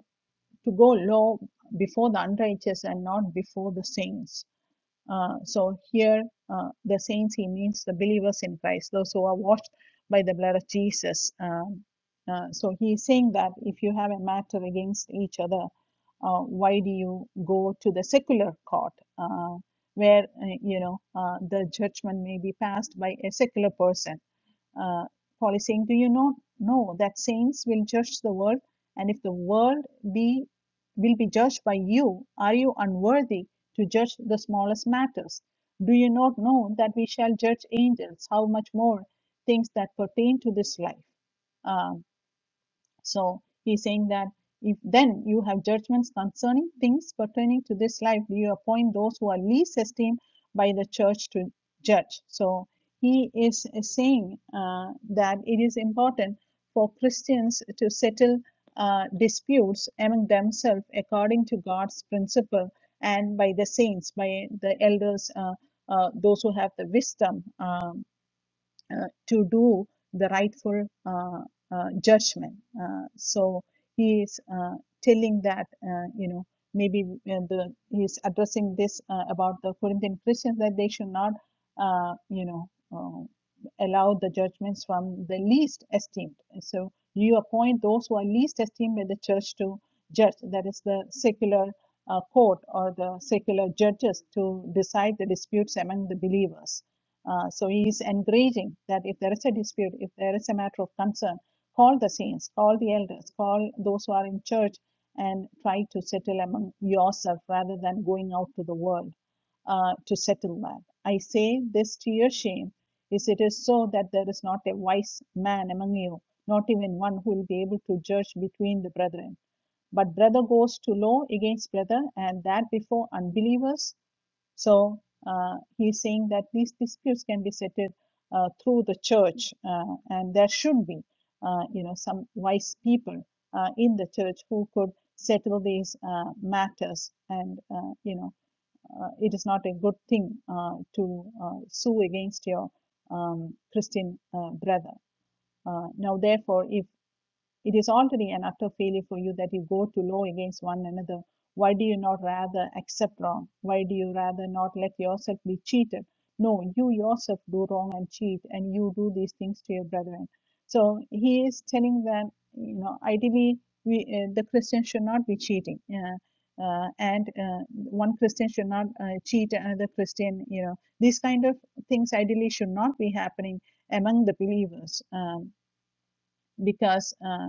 S1: to go low before the unrighteous and not before the saints uh, so here, uh, the saints, he means the believers in Christ, those who are washed by the blood of Jesus. Um, uh, so he is saying that if you have a matter against each other, uh, why do you go to the secular court, uh, where uh, you know uh, the judgment may be passed by a secular person? uh, Paul is saying, Do you not know that saints will judge the world? And if the world be will be judged by you, are you unworthy to judge the smallest matters? Do you not know that we shall judge angels? How much more things that pertain to this life? Um, so he's saying that if then you have judgments concerning things pertaining to this life, you appoint those who are least esteemed by the church to judge. So he is saying uh, that it is important for Christians to settle uh, disputes among themselves according to God's principle and by the saints, by the elders, uh, uh, those who have the wisdom. um, uh, to do the rightful uh, uh, judgment. Uh, so he is uh, telling that uh, you know maybe uh, the he is addressing this uh, about the Corinthian Christians that they should not uh, you know uh, allow the judgments from the least esteemed. So you appoint those who are least esteemed in the church to judge. That is the secular. Uh, court or the secular judges to decide the disputes among the believers uh, so he is encouraging that if there is a dispute, if there is a matter of concern, call the saints, call the elders, call those who are in church, and try to settle among yourself rather than going out to the world uh, to settle that. I say this to your shame, is it is so that there is not a wise man among you, not even one who will be able to judge between the brethren. But brother goes to law against brother, and that before unbelievers so uh, he's saying that these disputes can be settled uh, through the church, uh, and there should be, uh, you know, some wise people uh, in the church who could settle these uh, matters. And uh, you know, uh, it is not a good thing uh, to uh, sue against your um, Christian uh, brother. Uh, now, therefore, if it is already an utter failure for you that you go to law against one another. Why do you not rather accept wrong? Why do you rather not let yourself be cheated? No, you yourself do wrong and cheat, and you do these things to your brethren. So he is telling that you know ideally we uh, the Christian should not be cheating, uh, uh, and uh, one Christian should not uh, cheat another Christian. You know these kind of things ideally should not be happening among the believers um, because. uh,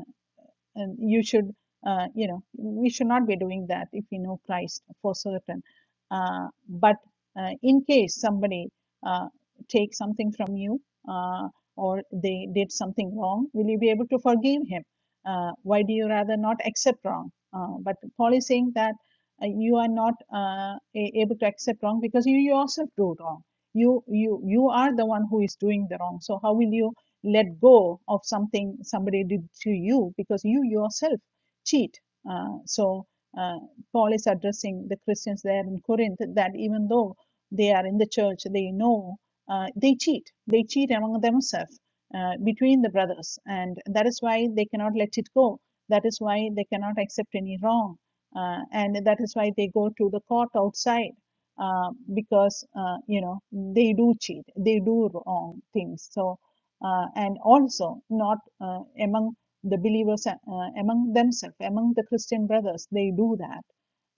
S1: and you should uh, you know we should not be doing that if we know christ for certain uh, but uh, in case somebody uh, takes something from you uh, or they did something wrong will you be able to forgive him uh, why do you rather not accept wrong uh, but paul is saying that uh, you are not uh, a- able to accept wrong because you yourself do wrong you you you are the one who is doing the wrong so how will you let go of something somebody did to you because you yourself cheat. Uh, so uh, Paul is addressing the Christians there in Corinth that even though they are in the church, they know uh, they cheat. They cheat among themselves uh, between the brothers, and that is why they cannot let it go. That is why they cannot accept any wrong, uh, and that is why they go to the court outside uh, because uh, you know they do cheat, they do wrong things. So uh, and also not uh, among the believers, uh, uh, among themselves, among the Christian brothers. They do that.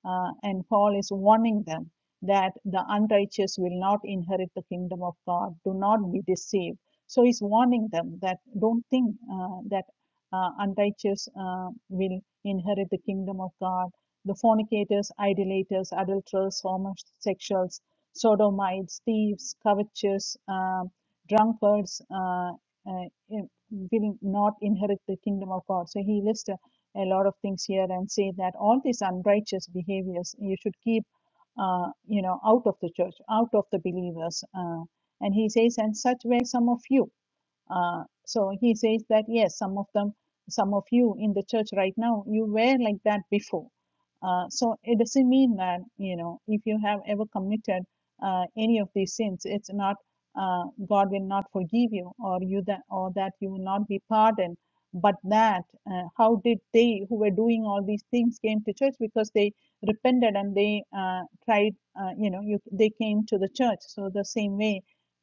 S1: Uh, and Paul is warning them that the unrighteous will not inherit the kingdom of God. Do not be deceived. So he's warning them that don't think uh, that uh, unrighteous uh, will inherit the kingdom of God. The fornicators, idolaters, adulterers, homosexuals, sodomites, thieves, covetous, um, drunkards, uh, uh, in- will not inherit the kingdom of God. So he lists a, a lot of things here and say that all these unrighteous behaviors you should keep, uh, you know, out of the church, out of the believers. Uh, and he says, and such were some of you. Uh, so he says that yes, some of them, some of you in the church right now, you were like that before. Uh, so it doesn't mean that you know if you have ever committed uh, any of these sins, it's not uh, God will not forgive you, or you that or that you will not be pardoned. But that uh, how did they who were doing all these things came to church because they repented and they uh, tried, uh, you know, you, they came to the church. So the same way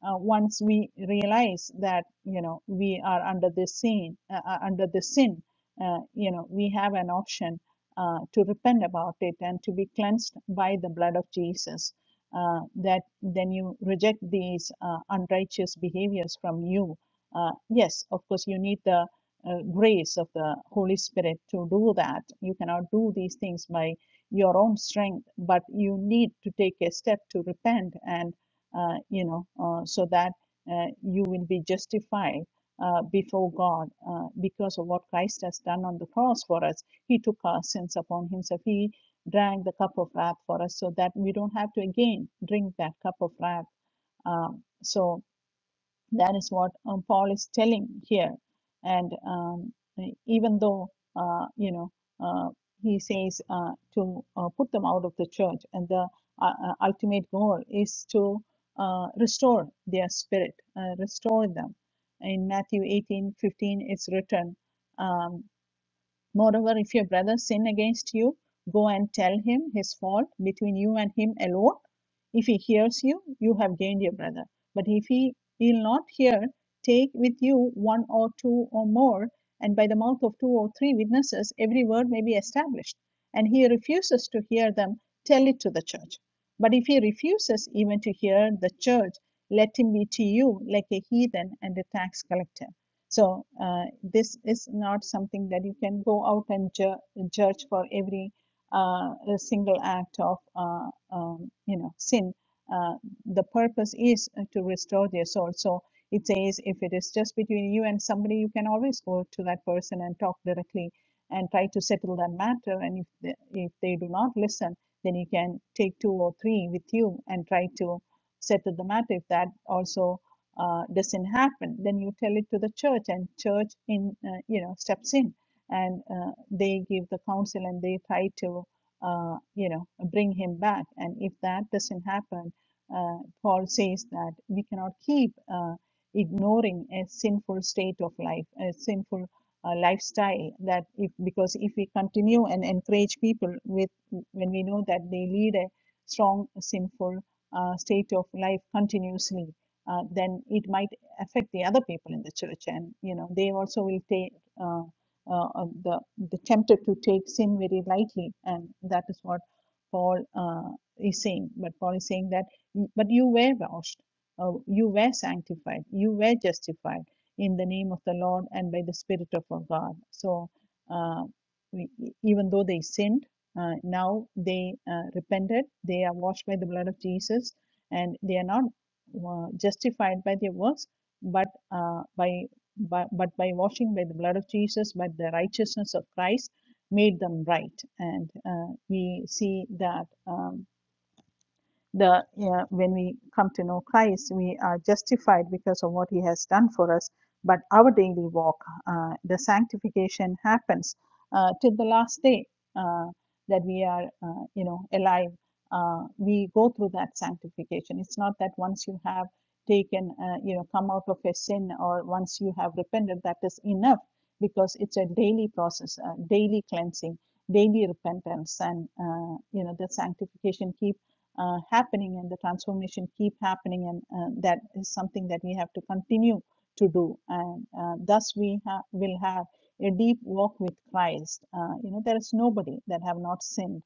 S1: uh, once we realize that you know we are under this sin, uh, uh, under this sin, uh, you know we have an option uh, to repent about it and to be cleansed by the blood of Jesus. Uh, that then you reject these uh, unrighteous behaviors from you. Uh, yes, of course you need the uh, grace of the Holy Spirit to do that. You cannot do these things by your own strength, but you need to take a step to repent and uh, you know, uh, so that uh, you will be justified uh, before God uh, because of what Christ has done on the cross for us. He took our sins upon himself. He drank the cup of wrath for us so that we don't have to again drink that cup of wrath. Um, so, that is what um, Paul is telling here. And um, even though, uh, you know, uh, he says uh, to uh, put them out of the church, and the uh, uh, ultimate goal is to uh, restore their spirit, uh, restore them. In Matthew 18 15, it's written, um, Moreover, if your brother sin against you, go and tell him his fault between you and him alone. If he hears you, you have gained your brother. But if he will not hear, take with you one or two or more, and by the mouth of two or three witnesses, every word may be established. And he refuses to hear them, tell it to the church. But if he refuses even to hear the church, let him be to you like a heathen and a tax collector. So uh, this is not something that you can go out and ju- judge for every uh, single act of uh, um, you know sin. Uh, the purpose is uh, to restore their soul. So it says if it is just between you and somebody, you can always go to that person and talk directly and try to settle that matter. And if they, if they do not listen, then you can take two or three with you and try to settle the matter. If that also uh, doesn't happen, then you tell it to the church, and church in uh, you know steps in, and uh, they give the counsel and they try to uh, you know bring him back. And if that doesn't happen, uh, Paul says that we cannot keep uh, ignoring a sinful state of life, a sinful uh, lifestyle. That if because if we continue and encourage people with when we know that they lead a strong sinful uh, state of life continuously uh, then it might affect the other people in the church, and you know they also will take uh, uh, uh, the the tempted to take sin very lightly, and that is what Paul uh, is saying. But Paul is saying that, "Mm, but you were washed, uh, you were sanctified, you were justified in the name of the Lord and by the Spirit of our God. So uh, we, e- even though they sinned. Uh, now they uh, repented, they are washed by the blood of Jesus, and they are not uh, justified by their works, but uh, by, by but by washing by the blood of Jesus, by the righteousness of Christ, made them right. And uh, we see that. Um, the uh, when we come to know Christ, we are justified because of what He has done for us. But our daily walk, uh, the sanctification happens uh, till the last day uh, that we are, uh, you know, alive. Uh, we go through that sanctification. It's not that once you have taken, uh, you know, come out of a sin or once you have repented, that is enough because it's a daily process, a daily cleansing, daily repentance, and uh, you know, the sanctification keeps uh, happening and the transformation keep happening and uh, that is something that we have to continue to do and uh, thus we ha- will have a deep walk with christ uh, you know there is nobody that have not sinned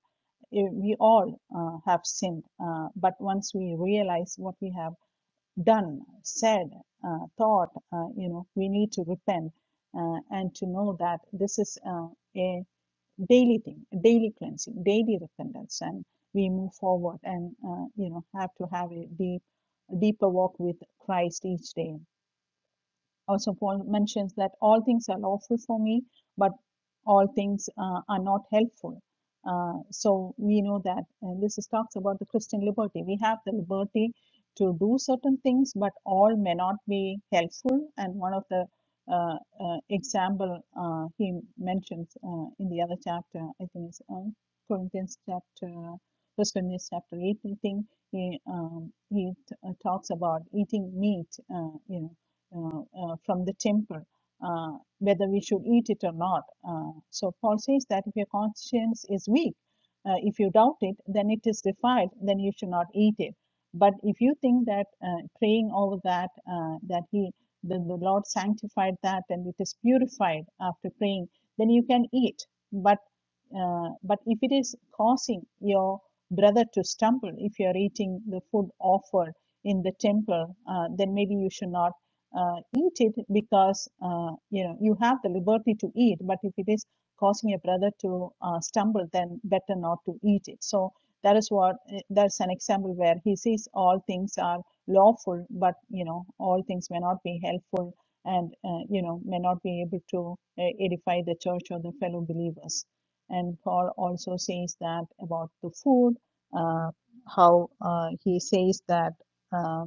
S1: Eh, we all uh, have sinned uh, but once we realize what we have done said uh, thought uh, you know we need to repent uh, and to know that this is uh, a daily thing, daily cleansing, daily repentance, and we move forward and uh, you know have to have a deep, deeper walk with Christ each day also Paul mentions that all things are lawful for me, but all things uh, are not helpful. Uh, so we know that uh, this is talks about the Christian liberty. We have the liberty to do certain things, but all may not be helpful. And one of the uh, uh, example uh, he mentions uh, in the other chapter, I think it's um, Corinthians chapter, First Corinthians chapter eight. I think he um, he t- uh, talks about eating meat. Uh, you know uh, uh, from the temple, uh, whether we should eat it or not. Uh, so Paul says that if your conscience is weak, uh, if you doubt it, then it is defiled, then you should not eat it. But if you think that uh, praying over that, uh, that he, the, the Lord sanctified that and it is purified after praying, then you can eat. But uh, but if it is causing your brother to stumble, if you are eating the food offered in the temple, uh, then maybe you should not uh, eat it because uh, you know you have the liberty to eat but if it is causing your brother to uh, stumble then better not to eat it so that is what eh, that's an example where he says all things are lawful but you know all things may not be helpful and uh, you know may not be able to uh, edify the church or the fellow believers and paul also says that about the food uh, how uh, he says that uh,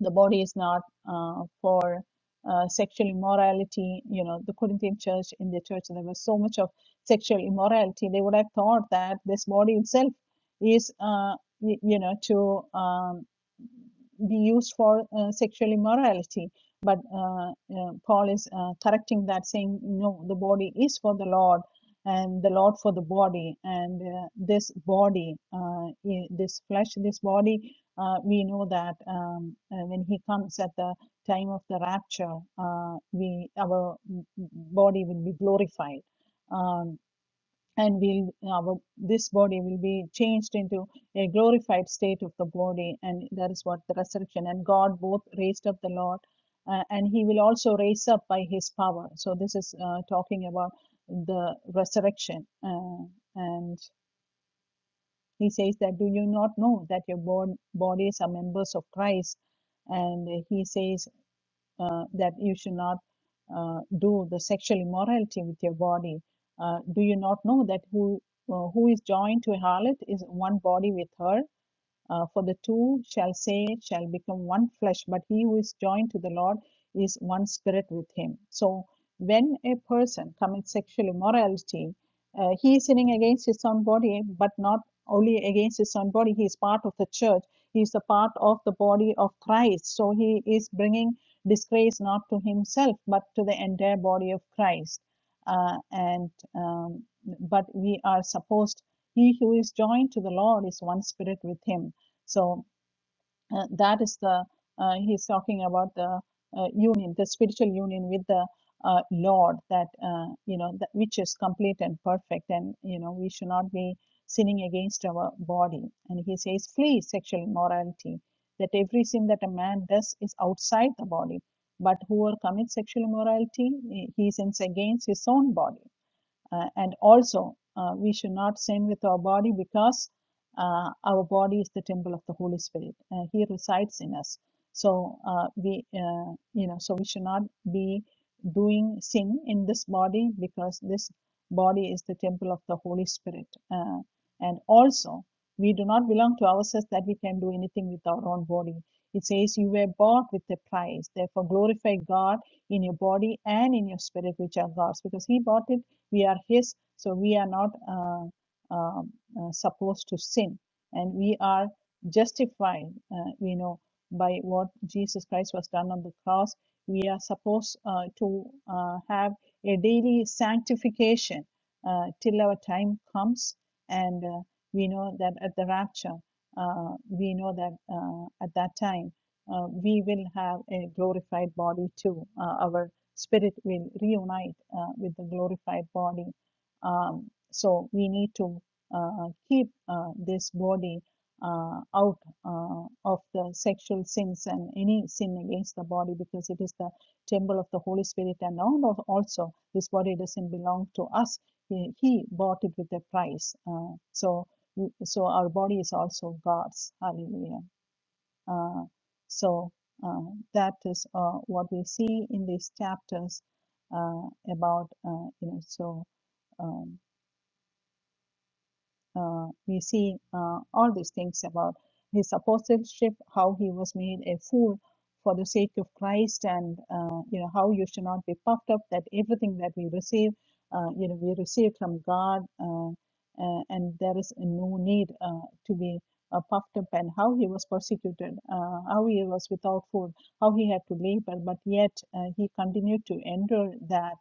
S1: the body is not uh, for uh, sexual immorality. You know, the Corinthian church, in the church, there was so much of sexual immorality. They would have thought that this body itself is, uh, y- you know, to um, be used for uh, sexual immorality. But uh, uh, Paul is uh, correcting that, saying, no, the body is for the Lord. And the Lord for the body, and uh, this body, uh, i- this flesh, this body uh, we know that um, uh, when He comes at the time of the rapture, uh, we our body will be glorified, um, and we'll our this body will be changed into a glorified state of the body, and that is what the resurrection. And God both raised up the Lord, uh, and He will also raise up by His power. So this is uh, talking about the resurrection, uh, and he says that, Do you not know that your bod- bodies are members of Christ? And he says uh, that you should not uh, do the sexual immorality with your body. Uh, do you not know that who uh, who is joined to a harlot is one body with her? Uh, for the two shall say, shall become one flesh, but he who is joined to the Lord is one spirit with him. So when a person commits sexual immorality, uh, he is sinning against his own body, but not only against his own body, he is part of the church, he is a part of the body of Christ. So he is bringing disgrace not to himself, but to the entire body of Christ. Uh, and um, but we are supposed he who is joined to the Lord is one spirit with him. So uh, that is the uh, he's talking about the uh, union, the spiritual union with the uh, Lord, that uh, you know that which is complete and perfect, and you know we should not be sinning against our body. And he says, flee sexual immorality. That every sin that a man does is outside the body, but whoever commits sexual immorality, he he sins against his own body uh, and also, uh, we should not sin with our body because uh, our body is the temple of the Holy Spirit. Uh, he resides in us. So uh, we, uh, you know, so we should not be doing sin in this body because this body is the temple of the Holy Spirit. Uh, and also, we do not belong to ourselves that we can do anything with our own body. It says, "You were bought with a price. Therefore, glorify God in your body and in your spirit, which are God's, because He bought it." we are His, so we are not uh, uh, uh, supposed to sin, and we are justified, uh, you know, by what Jesus Christ was done on the cross. We are supposed uh, to uh, have a daily sanctification uh, till our time comes, and uh, we know that at the rapture, uh, we know that uh, at that time uh, we will have a glorified body too. Uh, our spirit will reunite uh, with the glorified body. Um, so we need to uh, keep uh, this body uh, out uh, of the sexual sins and any sin against the body because it is the temple of the Holy Spirit. And now also, this body doesn't belong to us. He, he bought it with a price. Uh, so, so our body is also God's. Hallelujah. Uh, so uh, that is uh, what we see in these chapters uh, about uh, you know so. um, uh, we see uh, all these things about his apostleship, how he was made a fool for the sake of Christ, and uh, you know how you should not be puffed up that everything that we receive, uh, you know, we receive from God, uh, uh, and there is no need uh, to be uh, puffed up, and how he was persecuted, uh, how he was without food, how he had to labor, but yet uh, he continued to endure that.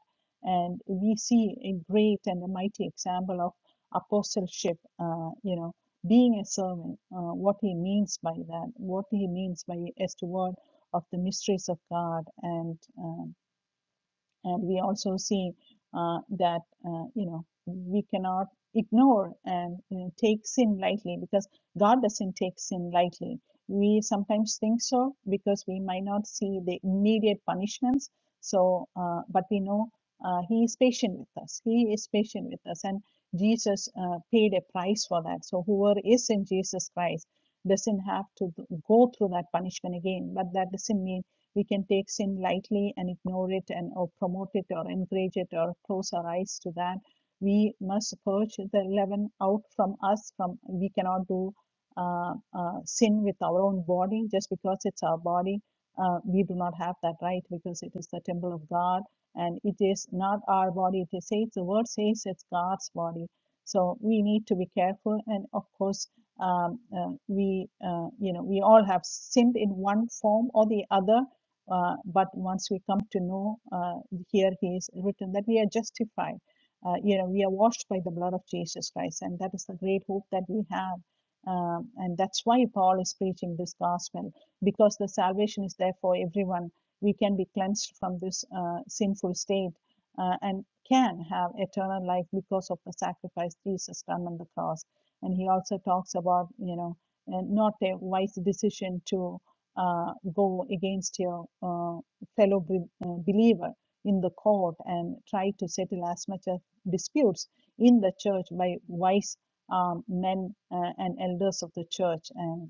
S1: And we see a great and a mighty example of apostleship, uh, you know, being a servant, uh, what he means by that, what he means by a steward of the mysteries of God, and uh, and we also see uh, that uh, you know we cannot ignore and you know, take sin lightly because god doesn't take sin lightly we sometimes think so because we might not see the immediate punishments so uh, but we know uh, he is patient with us he is patient with us and jesus uh, paid a price for that so whoever is in jesus christ doesn't have to go through that punishment again but that doesn't mean we can take sin lightly and ignore it and or promote it or encourage it or close our eyes to that we must purge the leaven out from us from we cannot do uh, uh, sin with our own body just because it's our body uh, we do not have that right because it is the temple of god and it is not our body it is says the word says it's god's body so we need to be careful and of course um, uh, we uh, you know we all have sinned in one form or the other uh, but once we come to know, uh, here he is written that we are justified. Uh, you know, we are washed by the blood of Jesus Christ, and that is the great hope that we have. Um, and that's why Paul is preaching this gospel because the salvation is there for everyone. We can be cleansed from this uh, sinful state uh, and can have eternal life because of the sacrifice Jesus done on the cross. And he also talks about, you know, and not a wise decision to uh, go against your uh, fellow be- uh, believer in the court and try to settle as much of disputes in the church by wise um, men uh, and elders of the church. and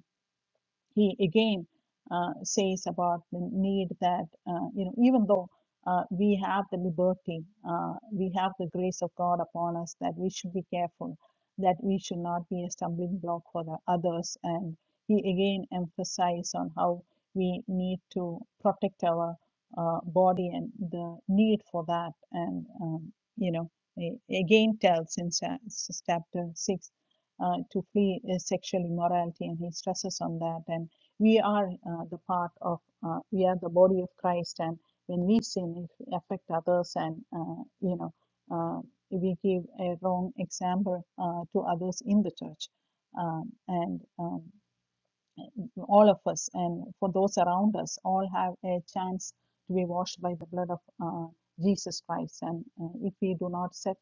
S1: he again uh, says about the need that uh, you know even though uh, we have the liberty uh, we have the grace of god upon us that we should be careful that we should not be a stumbling block for the others and he again emphasized on how we need to protect our uh, body and the need for that and um, you know a- again tells in sa- s- chapter 6 uh, to flee uh, sexual immorality, and he stresses on that. And we are uh, the part of, uh, we are the body of Christ, and when we sin, it affects others, and uh, you know, uh, we give a wrong example uh, to others in the church. Um, and um, all of us and for those around us all have a chance to be washed by the blood of uh, Jesus Christ. And uh, if we do not set,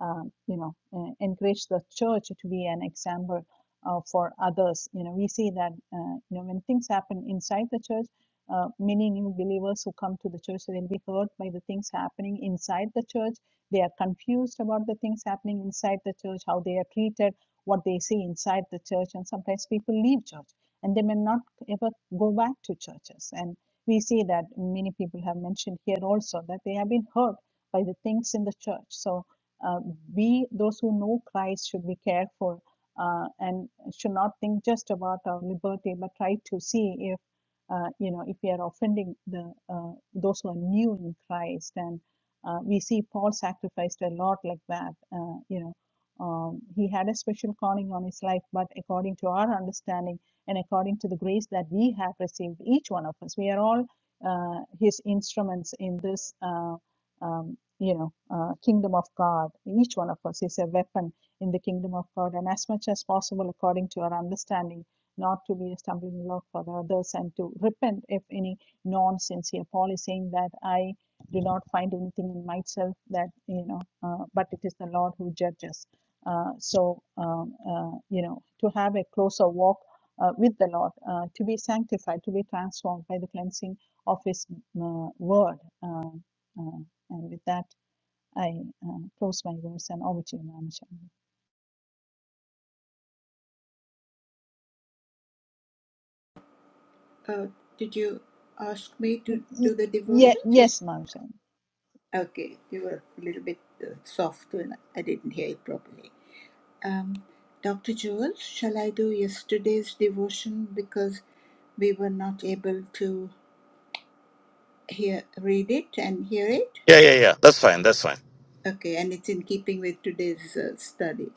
S1: um, you know, uh, encourage the church to be an example uh, for others, you know, we see that, uh, you know, when things happen inside the church, uh, many new believers who come to the church, they'll be hurt by the things happening inside the church. They are confused about the things happening inside the church, how they are treated, what they see inside the church, and sometimes people leave church and they may not ever go back to churches. And we see that many people have mentioned here also that they have been hurt by the things in the church. So uh, we, those who know Christ, should be careful uh, and should not think just about our liberty, but try to see if uh, you know if we are offending the uh, those who are new in Christ. And uh, we see Paul sacrificed a lot like that. Uh, you know, um, he had a special calling on his life, but according to our understanding and according to the grace that we have received, each one of us. We are all uh, His instruments in this, uh, um, you know, uh, kingdom of God. Each one of us is a weapon in the kingdom of God, and as much as possible, according to our understanding, not to be a stumbling block for the others, and to repent if any nonsense here. Paul is saying that I do not find anything in myself that you know, uh, but it is the Lord who judges. Uh, so um, uh, you know, to have a closer walk uh, with the Lord, uh, to be sanctified, to be transformed by the cleansing of His uh, word. Uh, uh, and with that, I uh, close my verse and over to you, Mama Shamli.
S3: Uh, did you ask me to do the
S1: ye-
S3: devotions? Is-
S1: yes, Mama Shamli.
S3: Okay, you were a little bit uh, soft when I didn't hear it properly. Um, Dr. Jules, shall I do yesterday's devotion because we were not able to hear, read it and hear it?
S2: Yeah, yeah, yeah. That's fine. That's fine.
S3: Okay, and it's in keeping with today's uh, study.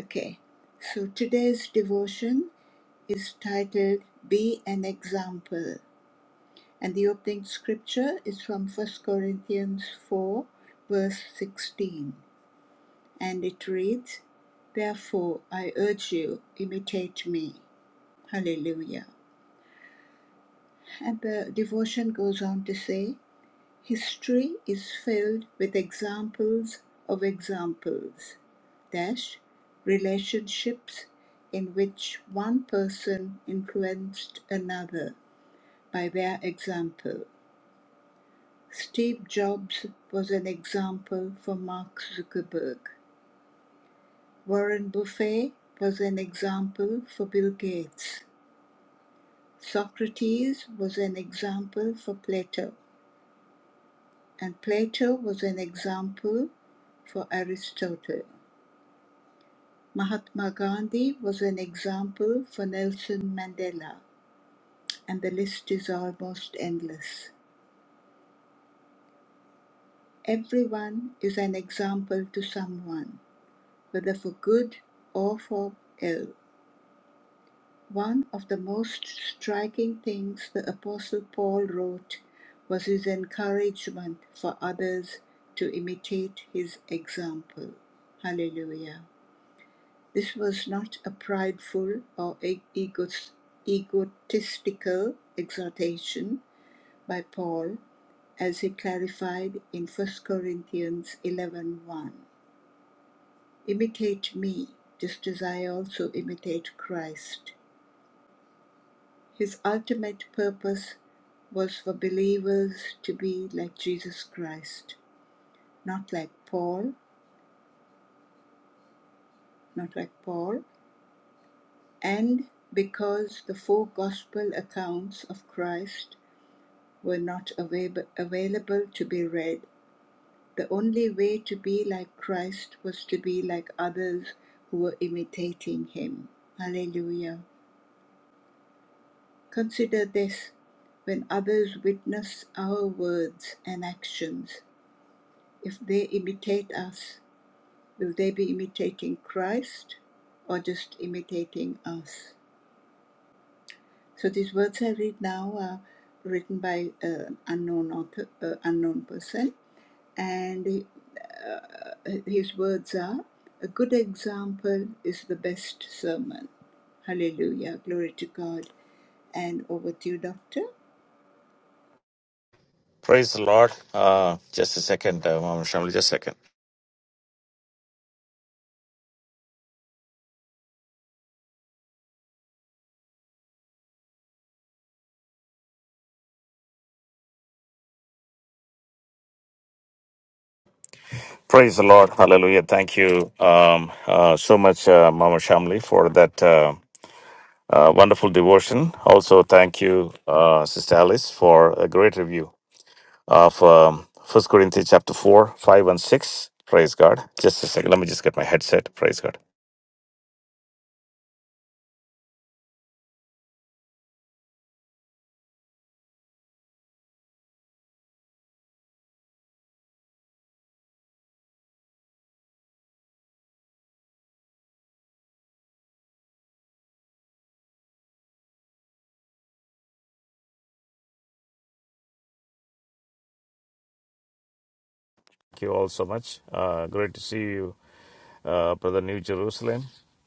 S3: Okay, so today's devotion is titled Be an Example, and the opening scripture is from First Corinthians 4, verse 16, and it reads, Therefore, I urge you, imitate me. Hallelujah. And the devotion goes on to say, history is filled with examples of examples, dash, relationships in which one person influenced another by their example. Steve Jobs was an example for Mark Zuckerberg. Warren Buffet was an example for Bill Gates. Socrates was an example for Plato. and Plato was an example for Aristotle. Mahatma Gandhi was an example for Nelson Mandela, and the list is almost endless. Everyone is an example to someone, whether for good or for ill. One of the most striking things the Apostle Paul wrote was his encouragement for others to imitate his example. Hallelujah. This was not a prideful or e- egotistical exhortation by Paul, as he clarified in First Corinthians eleven one. Imitate me, just as I also imitate Christ. His ultimate purpose was for believers to be like Jesus Christ, not like Paul, not like Paul, and because the four gospel accounts of Christ were not avail- available to be read. The only way to be like Christ was to be like others who were imitating him. Hallelujah. Consider this when others witness our words and actions, if they imitate us, will they be imitating Christ or just imitating us? So these words I read now are written by an unknown author, uh, unknown person, and uh, his words are a good example is the best sermon hallelujah glory to god and over to you doctor
S2: Praise the Lord. Uh, just a second, uh, Mama Shamli, just a second. Praise the Lord. Hallelujah. Thank you um, uh, so much, uh, Mama Shamli, for that uh, uh, wonderful devotion. Also, thank you, uh, Sister Alice, for a great review of um, 1 Corinthians chapter 4, 5, and 6. Praise God. Just a second. Let me just get my headset. Praise God. Thank you all so much. Uh, great to see you, uh, Brother New Jerusalem,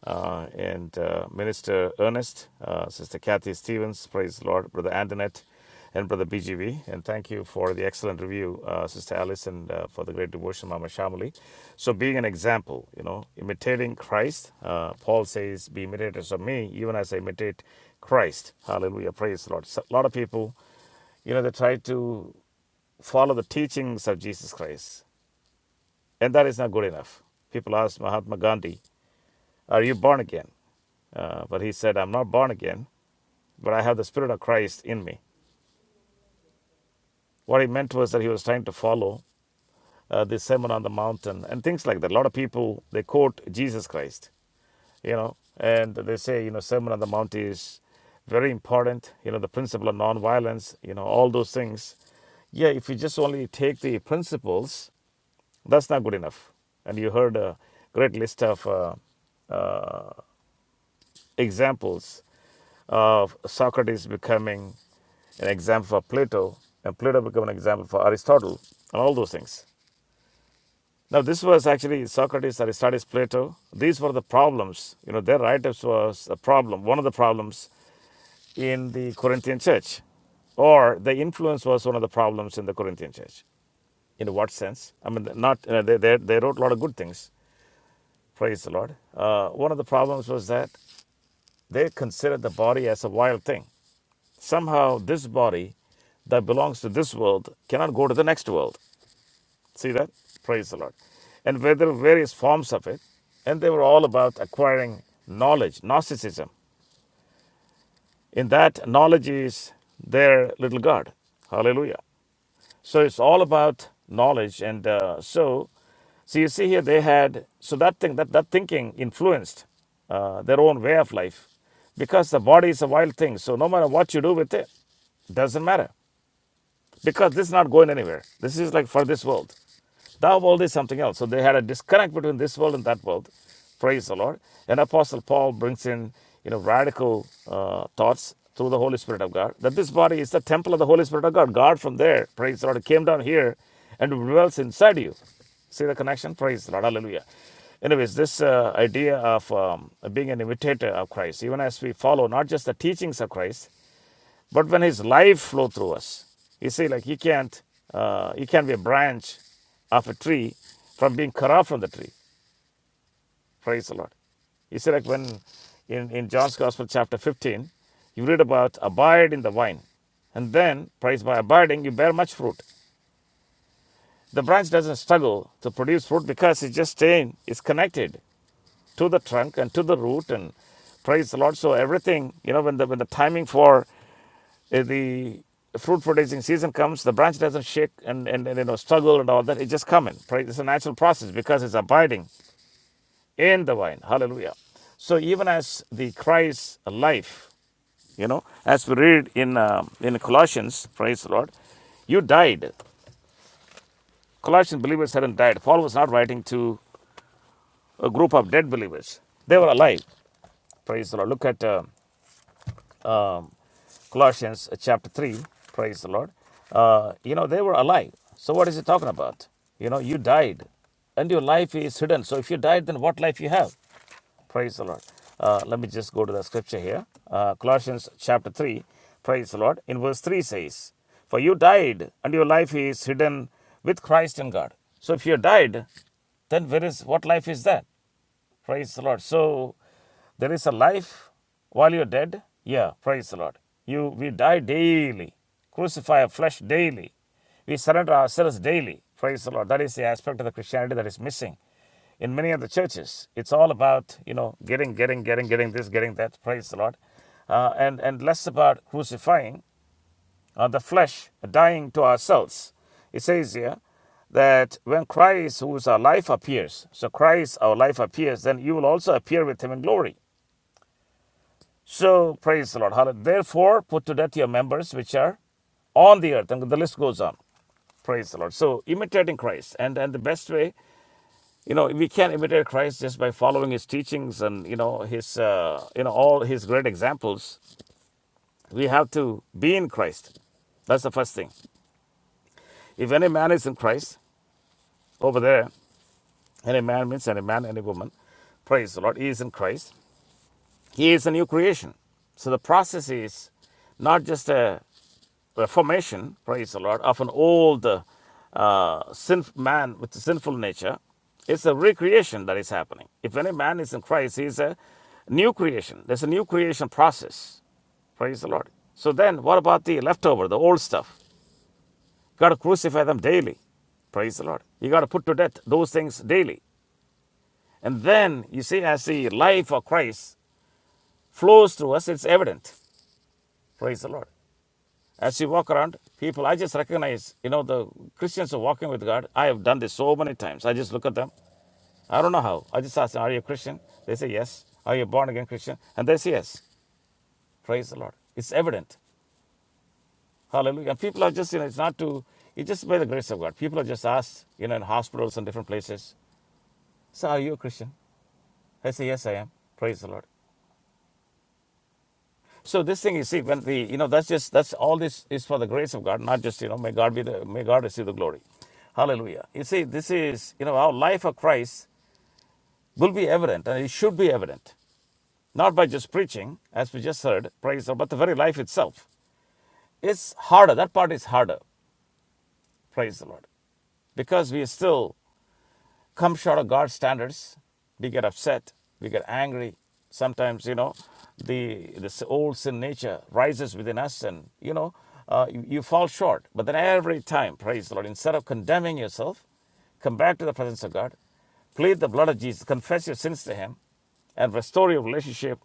S2: uh, and uh, Minister Ernest, uh, Sister Kathy Stevens, praise the Lord, Brother Antoinette, and Brother BGV. And thank you for the excellent review, uh, Sister Alice, and uh, for the great devotion, Mama Shamali. So, being an example, you know, imitating Christ, uh, Paul says, Be imitators of me, even as I imitate Christ. Hallelujah, praise the Lord. So, a lot of people, you know, they try to follow the teachings of Jesus Christ. And that is not good enough. People ask Mahatma Gandhi, Are you born again? Uh, but he said, I'm not born again, but I have the Spirit of Christ in me. What he meant was that he was trying to follow uh, the Sermon on the Mountain and things like that. A lot of people, they quote Jesus Christ, you know, and they say, you know, Sermon on the Mount is very important, you know, the principle of nonviolence, you know, all those things. Yeah, if you just only take the principles, that's not good enough. And you heard a great list of uh, examples of Socrates becoming an example for Plato and Plato becoming an example for Aristotle and all those things. Now this was actually Socrates, Aristotle, Plato. These were the problems. You know, their write-ups was a problem, one of the problems in the Corinthian church. Or the influence was one of the problems in the Corinthian church. In what sense? I mean, not you know, they, they, they wrote a lot of good things. Praise the Lord. Uh, one of the problems was that they considered the body as a wild thing. Somehow, this body that belongs to this world cannot go to the next world. See that? Praise the Lord. And where there were various forms of it, and they were all about acquiring knowledge, Gnosticism. In that, knowledge is their little god. Hallelujah. So it's all about knowledge. And uh, so, so you see here, they had, so that thing, that, that thinking influenced uh, their own way of life because the body is a wild thing. So no matter what you do with it, doesn't matter. because this is not going anywhere. This is like for this world. Thou world is something else. So they had a disconnect between this world and that world. Praise the Lord. And Apostle Paul brings in, you know, radical uh, thoughts through the Holy Spirit of God that this body is the temple of the Holy Spirit of God. God from there, praise the Lord, came down here and dwells inside you. See the connection? Praise the Lord. Hallelujah. Anyways, this uh, idea of um, being an imitator of Christ, even as we follow not just the teachings of Christ, but when His life flow through us, you see, like He can't, uh, He can't be a branch of a tree from being cut off from the tree. Praise the Lord. You see, like when in, in John's Gospel, chapter 15, you read about abide in the vine. And then, praise by abiding, you bear much fruit. The branch doesn't struggle to produce fruit because it's just staying, it's connected to the trunk and to the root. And praise the Lord. So, everything, you know, when the, when the timing for If the fruit producing season comes, the branch doesn't shake and, and, and you know struggle and all that. It just coming. Right? It's a natural process because it's abiding in the vine. Hallelujah. So even as the Christ life, you know, as we read in um in Colossians, praise the Lord, you died. Colossian believers hadn't died. Paul was not writing to a group of dead believers. They were alive. Praise the Lord. Look at uh, Colossians uh, chapter 3, praise the Lord, uh, you know, they were alive. So what is he talking about? You know, you died and your life is hidden. So if you died, then what life you have? Praise the Lord. Uh, let me just go to the scripture here. Uh, Colossians chapter 3, praise the Lord. In verse 3 says, For you died, and your life is hidden with Christ in God. So if you died, then where is what life is that? Praise the Lord. So there is a life while you're dead. Yeah, praise the Lord. You we die daily, crucify our flesh daily. We surrender ourselves daily. Praise the Lord. That is the aspect of the Christianity that is missing in many of the churches. It's all about you know getting, getting, getting, getting this, getting that. Praise the Lord, uh, and and less about crucifying of the flesh, dying to ourselves. It says here that when Christ, who is our life, appears, so Christ, our life, appears, then you will also appear with him in glory. So praise the Lord. Hallelujah. Therefore, put to death your members which are on the earth. And the list goes on. Praise the Lord. So imitating Christ. And and the best way, you know, we can imitate Christ just by following his teachings and, you know, his, uh, you know, all his great examples. We have to be in Christ. That's the first thing. If any man is in Christ, over there. Any man means any man, any woman. Praise the Lord. He is in Christ. He is a new creation. So the process is not just a reformation, praise the Lord, of an old uh, sin man with a sinful nature. It's a recreation that is happening. If any man is in Christ, he is a new creation. There's a new creation process. Praise the Lord. So then, what about the leftover, the old stuff? You got to crucify them daily. Praise the Lord. You got to put to death those things daily. And then you see, as the life of Christ flows through us, it's evident. Praise the Lord. As you walk around, people, I just recognize, you know, the Christians are walking with God. I have done this so many times. I just look at them. I don't know how. I just ask them, Are you a Christian? They say, Yes. Are you a born again Christian? And they say, Yes. Praise the Lord. It's evident. Hallelujah. And people are just, you know, it's not to, it's just by the grace of God. People are just asked, you know, in hospitals and different places, So, are you a Christian? I say, Yes, I am. Praise the Lord. So this thing you see, when the you know that's just that's all this is for the grace of God, not just you know may God be the may God receive the glory, Hallelujah. You see, this is you know our life of Christ will be evident, and it should be evident, not by just preaching, as we just heard, praise the Lord, but the very life itself. It's harder. That part is harder, praise the Lord, because we are still come short of God's standards. We get upset. We get angry. Sometimes, you know, the this old sin nature rises within us, and you know, uh, you, you fall short. But then every time, praise the Lord, instead of condemning yourself, come back to the presence of God, plead the blood of Jesus, confess your sins to Him, and restore your relationship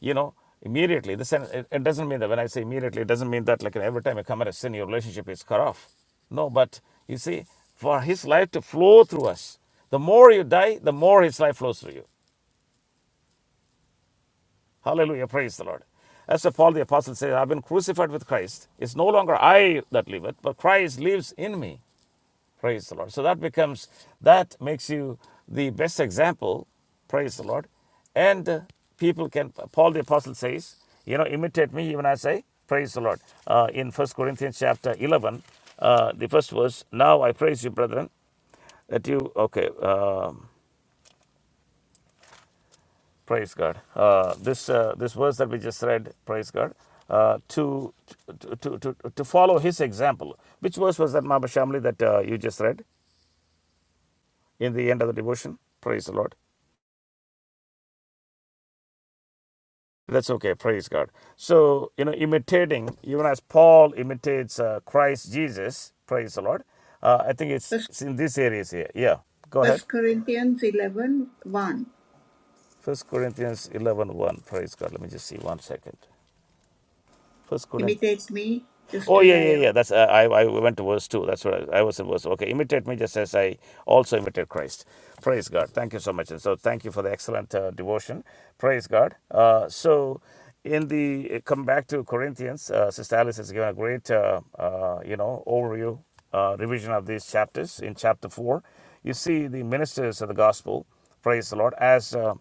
S2: you know immediately This it, doesn't mean that when i say immediately it doesn't mean that like every time you commit a sin your relationship is cut off no but you see for his life to flow through us the more you die the more his life flows through you hallelujah praise the lord as the paul the apostle says i've been crucified with christ it's no longer i that liveth but christ lives in me Praise the Lord. So that becomes, that makes you the best example. Praise the Lord. And uh, people can, Paul the Apostle says, you know, imitate me even as I praise the Lord. Uh, in First Corinthians chapter 11, uh, the first verse, now I praise you, brethren, that you, okay, um, praise God. Uh, this, uh, this verse that we just read, praise God, uh, to, to, to, to, to follow his example. Which verse was that, Mama Shamli, that uh, you just read in the end of the devotion? Praise the Lord. That's okay. Praise God. So, you know, imitating, even as Paul imitates uh, Christ Jesus, praise the Lord. Uh, I think it's,
S3: first,
S2: it's in these areas here. Yeah. Go ahead.
S3: first corinthians eleven one:
S2: First Corinthians eleven one. Praise God. Let me just see one second. First Corinthians.
S3: imitate me just
S2: Oh
S3: as
S2: yeah,
S3: i
S2: yeah, yeah. That's uh, I. I went to verse two. That's what I, I was in verse. Okay, imitate me just as I also imitate Christ. Praise God. Thank you so much. And so thank you for the excellent uh, devotion. Praise God. Uh, so in the uh, come back to Corinthians, uh, Sister Alice has given a great uh, uh, you know overview uh, revision of these chapters in chapter four. You see the ministers of the gospel. Praise the Lord as. Uh,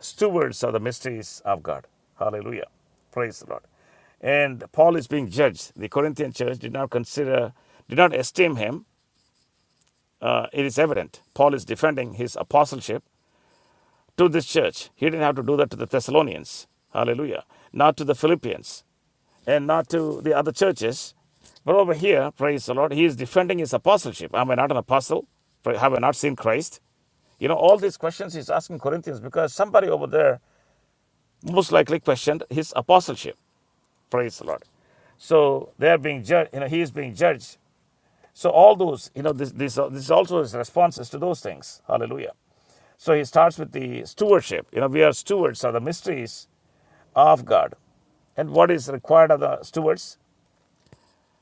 S2: stewards of the mysteries of God. Hallelujah. Praise the Lord. And Paul is being judged. The Corinthian church did not consider, did not esteem him. Uh, it is evident. Paul is defending his apostleship to this church. He didn't have to do that to the Thessalonians. Hallelujah. Not to the Philippians and not to the other churches. But over here, praise the Lord, he is defending his apostleship. Am I not an apostle? Have I not seen Christ? You know, all these questions he's asking Corinthians because somebody over there most likely questioned his apostleship. Praise the Lord. So they are being judged, you know, he is being judged. So all those, you know, this, this, uh, this is also his responses to those things. Hallelujah. So he starts with the stewardship. You know, we are stewards of the mysteries of God. And what is required of the stewards?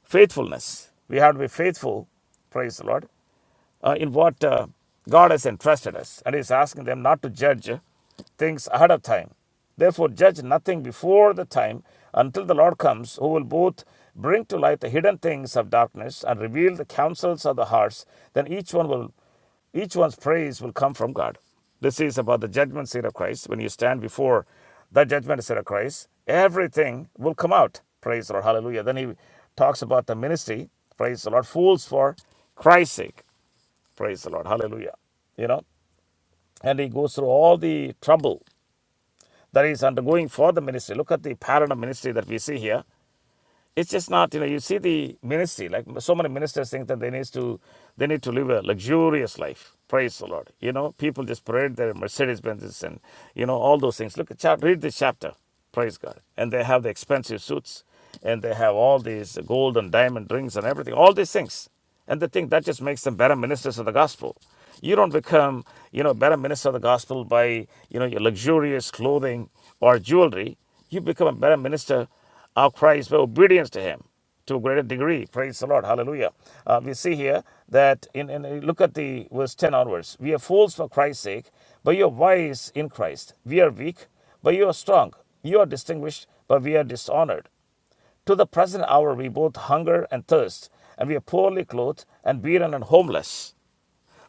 S2: Faithfulness. We have to be faithful. Praise the Lord uh, in what uh, God has entrusted us. And He's asking them not to judge things ahead of time. Therefore, judge nothing before the time until the Lord comes, who will both bring to light the hidden things of darkness and reveal the counsels of the hearts. Then each one will, each one's praise will come from God. This is about the judgment seat of Christ. When you stand before the judgment seat of Christ, everything will come out. Praise the Lord. Hallelujah. Then he talks about the ministry. Praise the Lord. Fools for Christ's sake. Praise the Lord. Hallelujah. You know, and he goes through all the trouble that he's undergoing for the ministry. Look at the pattern of ministry that we see here it's just not you know you see the ministry like so many ministers think that they need to they need to live a luxurious life praise the lord you know people just parade their mercedes benzes and you know all those things look at chapter, read this chapter praise god and they have the expensive suits and they have all these gold and diamond rings and everything all these things and they think that just makes them better ministers of the gospel you don't become you know better minister of the gospel by you know your luxurious clothing or jewelry you become a better minister of Christ by obedience to Him to a greater degree. Praise the Lord. Hallelujah. Uh, we see here that in, in uh, look at the verse 10 onwards. We are fools for Christ's sake, but you are wise in Christ. We are weak, but you are strong. You are distinguished, but we are dishonored. To the present hour we both hunger and thirst, and we are poorly clothed and beaten and homeless.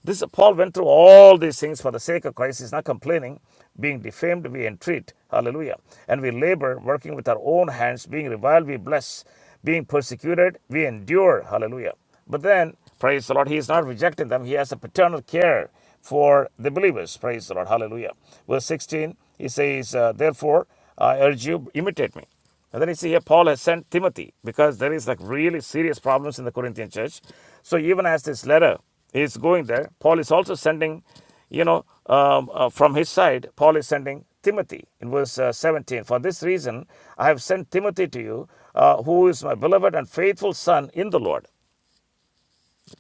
S2: This Paul went through all these things for the sake of Christ. He's not complaining. Being defamed, we entreat. Hallelujah. And we labor, working with our own hands. Being reviled, we bless. Being persecuted, we endure. Hallelujah. But then, praise the Lord, he is not rejecting them. He has a paternal care for the believers. Praise the Lord. Hallelujah. Verse 16, he says, uh, Therefore, I urge you, imitate me. And then you see here Paul has sent Timothy because there is like really serious problems in the Corinthian church. So even as this letter is going there, Paul is also sending, you know, um, uh, from his side, Paul is sending Timothy in verse uh, 17. For this reason, I have sent Timothy to you, uh, who is my beloved and faithful son in the Lord.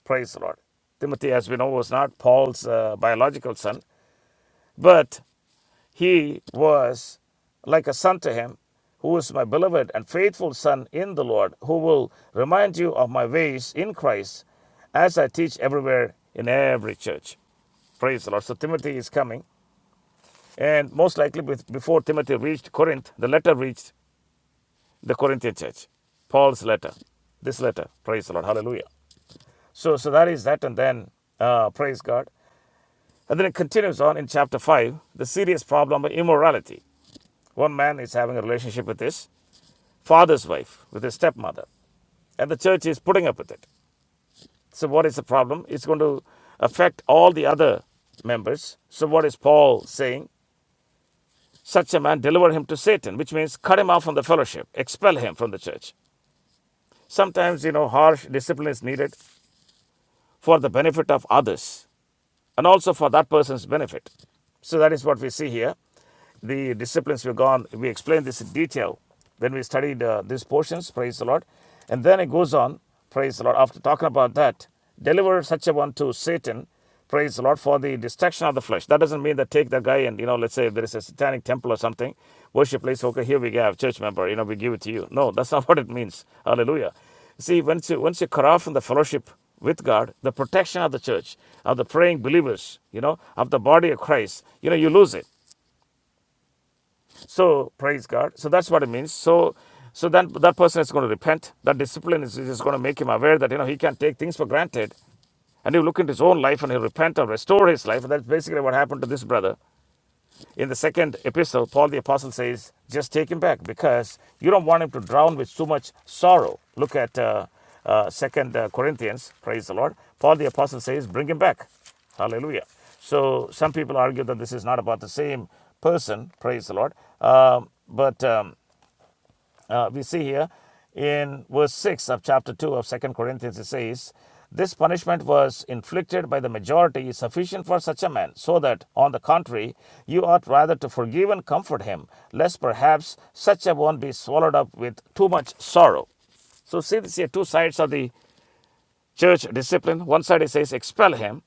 S2: Praise the Lord. Timothy, as we know, was not Paul's uh, biological son, but he was like a son to him, who is my beloved and faithful son in the Lord, who will remind you of my ways in Christ as I teach everywhere in every church. Praise the Lord. So Timothy is coming, and most likely before Timothy reached Corinth, the letter reached the Corinthian church. Paul's letter, this letter. Praise the Lord. Hallelujah. So, so that is that, and then uh, praise God. And then it continues on in chapter five, the serious problem of immorality. One man is having a relationship with his father's wife, with his stepmother, and the church is putting up with it. So, what is the problem? It's going to affect all the other members. So, what is Paul saying? Such a man, deliver him to Satan, which means cut him off from the fellowship, expel him from the church. Sometimes, you know, harsh discipline is needed for the benefit of others and also for that person's benefit. So that is what we see here. The disciplines we've gone, we explained this in detail when we studied uh, these portions, praise the Lord. And then it goes on, praise the Lord, after talking about that, deliver such a one to Satan, praise the Lord, for the destruction of the flesh. That doesn't mean that take that guy and, you know, let's say if there is a satanic temple or something, worship place, okay, here we have church member, you know, we give it to you. No, that's not what it means. Hallelujah. See, once you, once you cut off from the fellowship with God, the protection of the church, of the praying believers, you know, of the body of Christ, you know, you lose it. So praise God. So that's what it means. So, so then that person is going to repent. That discipline is, is going to make him aware that you know he can't take things for granted, and he'll look into his own life and he'll repent and restore his life. And that's basically what happened to this brother. In the second epistle, Paul the Apostle says, just take him back because you don't want him to drown with too much sorrow. Look at uh, uh, Second uh, Corinthians, praise the Lord. Paul the Apostle says, bring him back. Hallelujah. So some people argue that this is not about the same person, praise the Lord. Um, but um, uh, we see here in verse 6 of chapter 2 of Second Corinthians, it says, This punishment was inflicted by the majority sufficient for such a man, so that, on the contrary, you ought rather to forgive and comfort him, lest perhaps such a one be swallowed up with too much sorrow. So see this here two sides of the church discipline. One side it says expel him.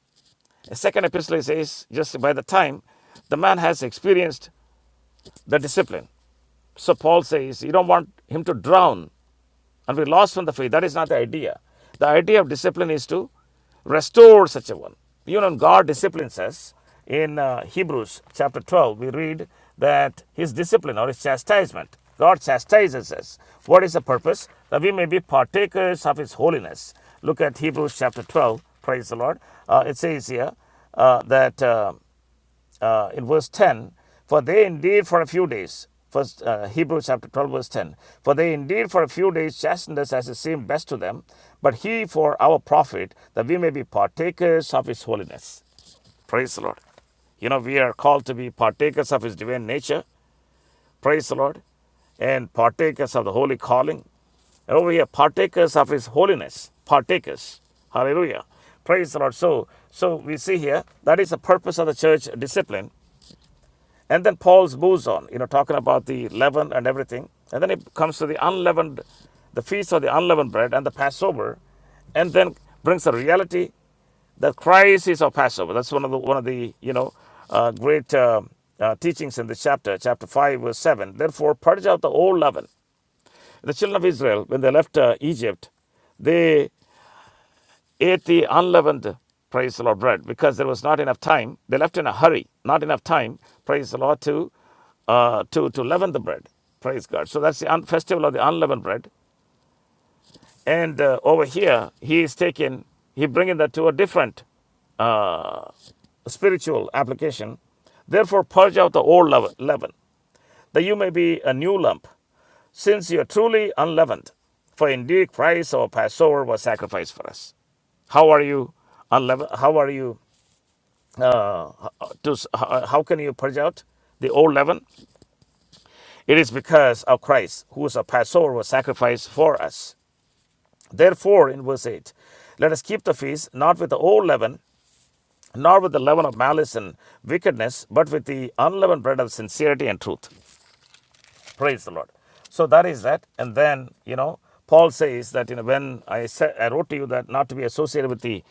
S2: A second epistle it says just by the time the man has experienced the discipline. So Paul says you don't want him to drown and we lost from the faith. That is not the idea. The idea of discipline is to restore such a one. You know, God disciplines us. In uh, Hebrews chapter 12, we read that His discipline or His chastisement, God chastises us. What is the purpose? That we may be partakers of His holiness. Look at Hebrews chapter 12. Praise the Lord. Uh, it says here uh, that. Uh, uh, in verse 10 for they indeed for a few days first uh, hebrews chapter 12 verse 10 for they indeed for a few days chastened us as it seemed best to them but he for our profit that we may be partakers of his holiness praise the lord you know we are called to be partakers of his divine nature praise the lord and partakers of the holy calling and over here partakers of his holiness partakers hallelujah praise the lord so so we see here that is the purpose of the church discipline and then Paul moves on, you know, talking about the leaven and everything. And then it comes to the unleavened, the feast of the unleavened bread and the Passover, and then brings the reality that Christ is our Passover. That's one of the one of the you know uh, great uh, uh, teachings in this chapter, chapter five, verse seven. Therefore, purge out the old leaven. The children of Israel, when they left uh, Egypt, they ate unleavened, praise the Lord, bread because there was not enough time. They left in a hurry, not enough time, praise the Lord, to uh, to to leaven the bread. Praise God. So that's the un- festival of the unleavened bread. And uh, over here, he is taking, he bringing that to a different uh, spiritual application. Therefore, purge out the old leaven, leaven that you may be a new lump, since you are truly unleavened. For indeed Christ our Passover was sacrificed for us. How are you unleavened? How are you? Uh, to, how, how can you purge out the old leaven? It is because of Christ, who is a Passover, was sacrificed for us. Therefore, in verse 8, let us keep the feast not with the old leaven, nor with the leaven of malice and wickedness, but with the unleavened bread of sincerity and truth. Praise the Lord. So that is that. And then, you know, Paul says that, you know, when I said, I wrote to you that not to be associated with the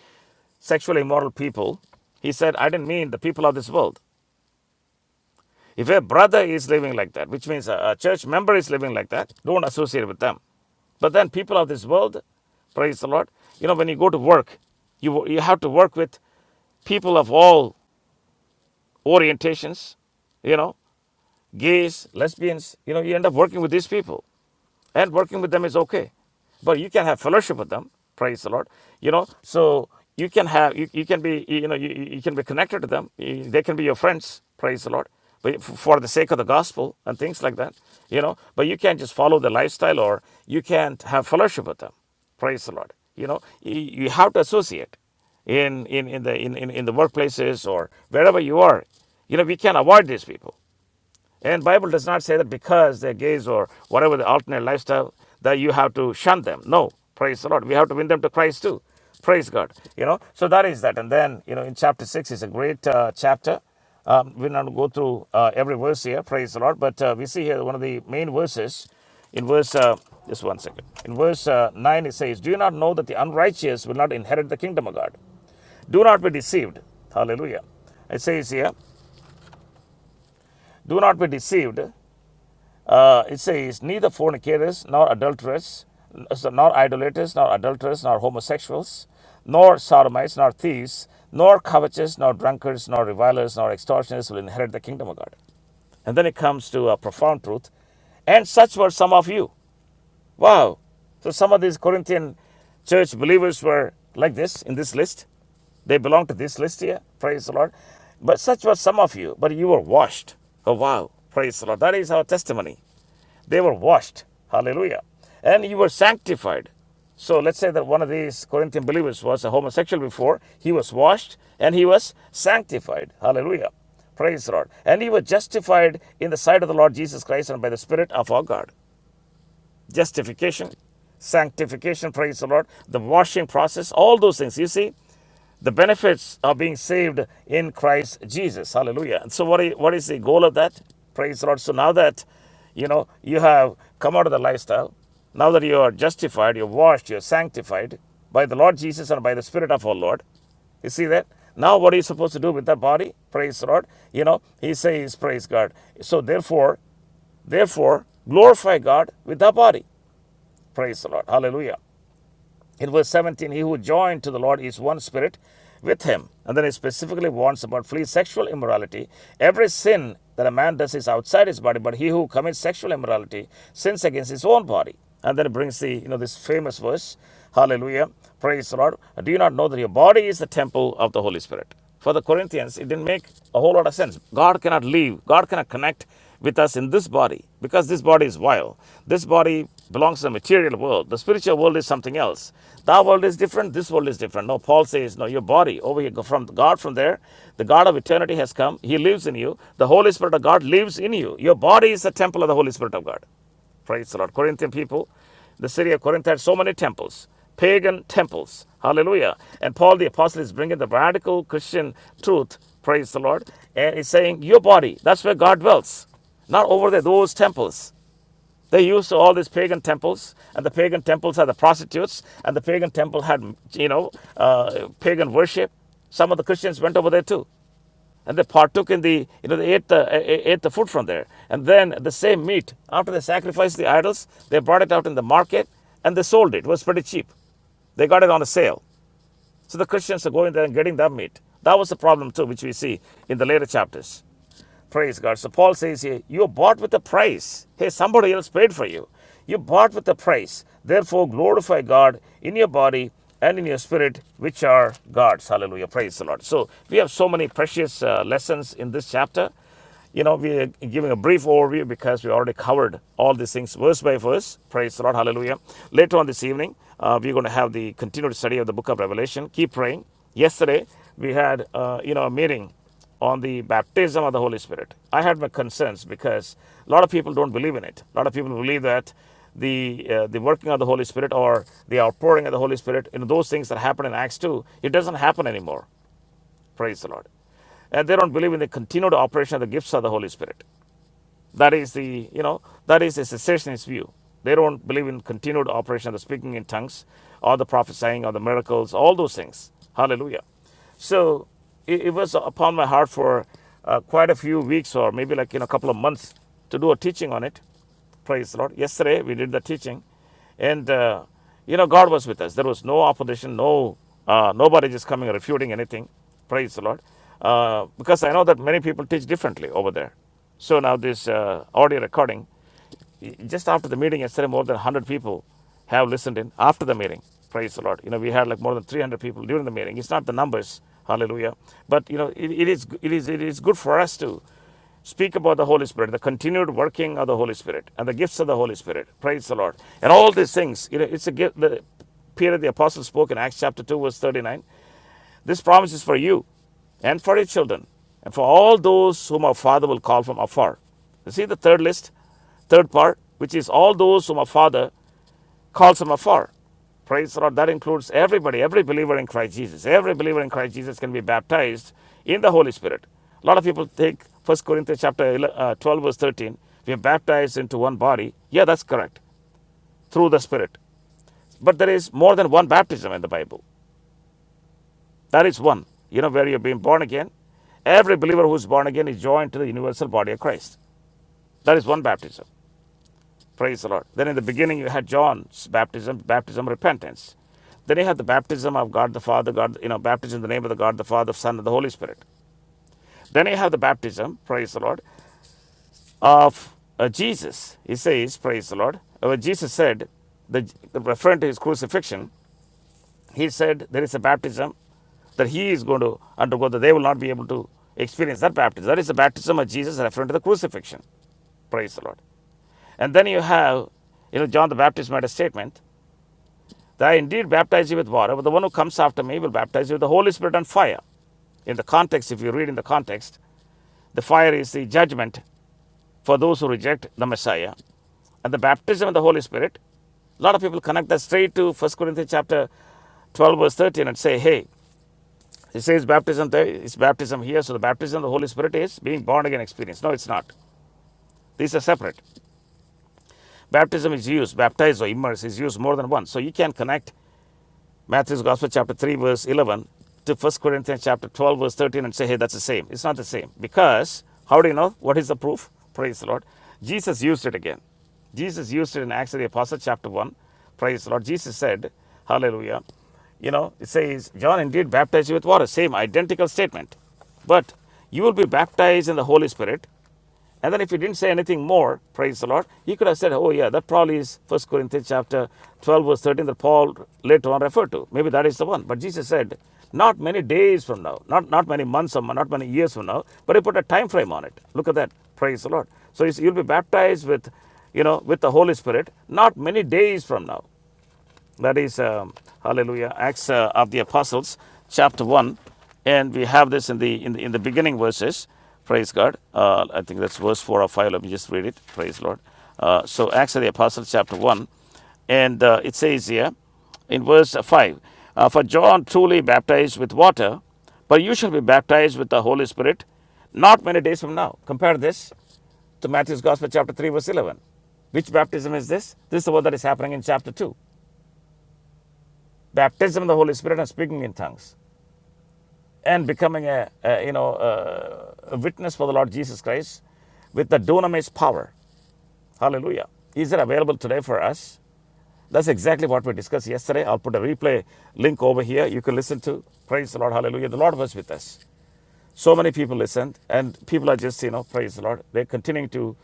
S2: sexually immoral people, he said, I didn't mean the people of this world. If a brother is living like that, which means a, a church member is living like that, don't associate with them. But then people of this world, praise the Lord, you know, when you go to work, you, you have to work with people of all orientations, you know, gays, lesbians, you know, you end up working with these people. and working with them is okay but you can have fellowship with them praise the lord you know so you can have you, you can be you know you, you can be connected to them You- they can be your friends praise the lord but for the sake of the gospel and things like that you know but you can't just follow the lifestyle or you can't have fellowship with them praise the lord you know you, you have to associate in in in the in, in, in the workplaces or wherever you are you know we can't avoid these people and Bible does not say that because they're gays or whatever the alternate lifestyle that you have to shun them. No, praise the Lord. We have to win them to Christ too. Praise God. You know, so that is that. And then you know, in chapter six is a great uh, chapter. Um, we're not going to go through uh, every verse here. Praise the Lord. But uh, we see here one of the main verses in verse. Uh, just one second. In verse uh, 9, it says, Do you not know that the unrighteous will not inherit the kingdom of God? Do not be deceived. Hallelujah. It says here, Do not be deceived. Uh, it says, neither fornicators, nor adulterers, so nor idolaters, nor adulterers, nor homosexuals, nor sodomites, nor thieves, nor covetous, nor drunkards, nor revilers, nor extortioners will inherit the kingdom of God. And then it comes to a profound truth. And such were some of you. Wow. So some of these Corinthian church believers were like this in this list. They belong to this list here. Praise the Lord. But such were some of you, but you were washed. Oh, wow. Praise the Lord. That is our testimony. They were washed. Hallelujah. And you were sanctified. So let's say that one of these Corinthian believers was a homosexual before. He was washed and he was sanctified. Hallelujah. Praise the Lord. And he was justified in the sight of the Lord Jesus Christ and by the Spirit of our God justification, sanctification, praise the Lord, the washing process, all those things. You see, the benefits of being saved in Christ Jesus. Hallelujah. And so, what is, what is the goal of that? Praise the Lord. So, now that you know you have come out of the lifestyle, now that you are justified, you're washed, you're sanctified by the Lord Jesus and by the Spirit of our Lord, you see that? Now, what are you supposed to do with that body? Praise the Lord. You know, he says, Praise God. So, therefore, therefore, glorify God with that body. Praise the Lord. Hallelujah. In verse 17, he who joined to the Lord is one spirit with him. And then he specifically warns about flee sexual immorality. Every sin that a man does is outside his body, but he who commits sexual immorality sins against his own body. And then it brings the, you know, this famous verse, Hallelujah, praise the Lord. Do you not know that your body is the temple of the Holy Spirit? for the Corinthians, it didn't make a whole lot of sense. God cannot leave, God cannot connect with us in this body because this body is vile. This body belongs to the material world. The spiritual world is something else. That world is different, this world is different. No, Paul says, No, your body over here from God from there, the God of eternity has come, He lives in you. The Holy Spirit of God lives in you. Your body is the temple of the Holy Spirit of God. Praise the Lord. Corinthian people, the city of Corinth had so many temples, pagan temples. Hallelujah. And Paul the apostle is bringing the radical Christian truth. Praise the Lord. And he's saying, Your body, that's where God dwells, not over there, those temples. They used all these pagan temples, and the pagan temples had the prostitutes, and the pagan temple had, you know, uh, pagan worship. Some of the Christians went over there too and they partook in the you know they ate the eh, eh, ate the food from there and then the same meat after they sacrificed the idols they brought it out in the market and they sold it it was pretty cheap they got it on a sale so the christians are going there and getting that meat that was the problem too which we see in the later chapters Praise God. So Paul says here, you are bought with a price. Hey, somebody else paid for you. You bought with a price. Therefore, glorify God in your body and in your spirit, which are God's. Hallelujah. Praise the Lord. So we have so many precious uh, lessons in this chapter. You know, we are giving a brief overview because we already covered all these things verse by verse. Praise the Lord. Hallelujah. Later on this evening, uh, we're going to have the continued study of the book of Revelation. Keep praying. Yesterday, we had, uh, you know, a meeting on the baptism of the Holy Spirit. I had my concerns because a lot of people don't believe in it. A lot of people believe that the uh, the working of the Holy Spirit or the outpouring of the Holy Spirit, you know, those things that happen in Acts 2, it doesn't happen anymore. Praise the Lord. And they don't believe in the continued operation of the gifts of the Holy Spirit. That is the, you know, that is a cessationist view. They don't believe in continued operation of the speaking in tongues or the prophesying or the miracles, all those things. Hallelujah. So it, it was upon my heart for uh, quite a few weeks or maybe like, you know, a couple of months to do a teaching on it. Praise the Lord. Yesterday we did the teaching, and uh, you know God was with us. There was no opposition, no uh, nobody just coming refuting anything. Praise the Lord. Uh, because I know that many people teach differently over there. So now this uh, audio recording, y- just after the meeting yesterday, more than 100 people have listened in after the meeting. Praise the Lord. You know, we had like more than 300 people during the meeting. It's not the numbers, hallelujah. But, you know, it, it, is, it, is, it is good for us to Speak about the Holy Spirit, the continued working of the Holy Spirit, and the gifts of the Holy Spirit. Praise the Lord. And all these things, you know, it's a gift. The, Peter the Apostle spoke in Acts chapter 2, verse 39. This promise is for you and for your children, and for all those whom our Father will call from afar. You see the third list, third part, which is all those whom our Father calls him afar. Praise the Lord. That includes everybody, every believer in Christ Jesus. Every believer in Christ Jesus can be baptized in the Holy Spirit. A lot of people think First Corinthians chapter uh, 12, verse 13, we are baptized into one body. Yeah, that's correct, through the Spirit. But there is more than one baptism in the Bible. That is one. You know, where you're being born again. Every believer who's born again is joined to the universal body of Christ. That is one baptism. Praise the Lord. Then in the beginning, you had John's baptism, baptism of repentance. Then you have the baptism of God the Father, God, you know, baptism in the name of the God the Father, Son, and the Holy Spirit. Then you have the baptism, praise the Lord, of uh, Jesus. He says, praise the Lord. Uh, When Jesus said, the, referring to his crucifixion, he said there is a baptism that he is going to undergo, that they will not be able to experience that baptism. That is the baptism of Jesus referring to the crucifixion. Praise the Lord. And then you have, you know, John the Baptist made a statement I indeed baptize you with water, but the one who comes after me will baptize you with the Holy Spirit and fire. In the context, if you read in the context, the fire is the judgment for those who reject the Messiah. And the baptism of the Holy Spirit, a lot of people connect that straight to First Corinthians chapter 12, verse 13, and say, hey, it says baptism there, it's baptism here, so the baptism of the Holy Spirit is being born again experience. No, it's not. These are separate. Baptism is used, baptize or immerse is used more than once. So you can connect Matthew's Gospel, chapter 3, verse 11, to First Corinthians, chapter 12, verse 13, and say, hey, that's the same. It's not the same. Because, how do you know? What is the proof? Praise the Lord. Jesus used it again. Jesus used it in Acts of the Apostles, chapter 1. Praise the Lord. Jesus said, Hallelujah. You know, it says, John indeed baptized you with water. Same identical statement. But you will be baptized in the Holy Spirit and then if he didn't say anything more, praise the Lord, he could have said, oh yeah, that probably is First Corinthians chapter 12 verse 13 that Paul later on referred to. Maybe that is the one. But Jesus said, not many days from now, not, not many months from now, not many years from now, but he put a time frame on it. Look at that. Praise the Lord. So you you'll be baptized with, you know, with the Holy Spirit not many days from now. That is, um, hallelujah, Acts uh, of the Apostles, chapter 1. And we have this in the in the, in the beginning verses. Praise God. Uh, I think that's verse 4 or 5. Let me just read it. Praise Lord. Uh, so, Acts of the Apostles, chapter 1. And uh, it says here in verse 5 uh, For John truly baptized with water, but you shall be baptized with the Holy Spirit not many days from now. Compare this to Matthew's Gospel, chapter 3, verse 11. Which baptism is this? This is the one that is happening in chapter 2 baptism of the Holy Spirit and speaking in tongues and becoming a, a you know a, a witness for the Lord Jesus Christ with the dunamis power. Hallelujah. Is it available today for us? That's exactly what we discussed yesterday. I'll put a replay link over here. You can listen to. Praise the Lord. Hallelujah. The Lord was with us. So many people listened, and people are just, you know, praise the Lord. They're continuing to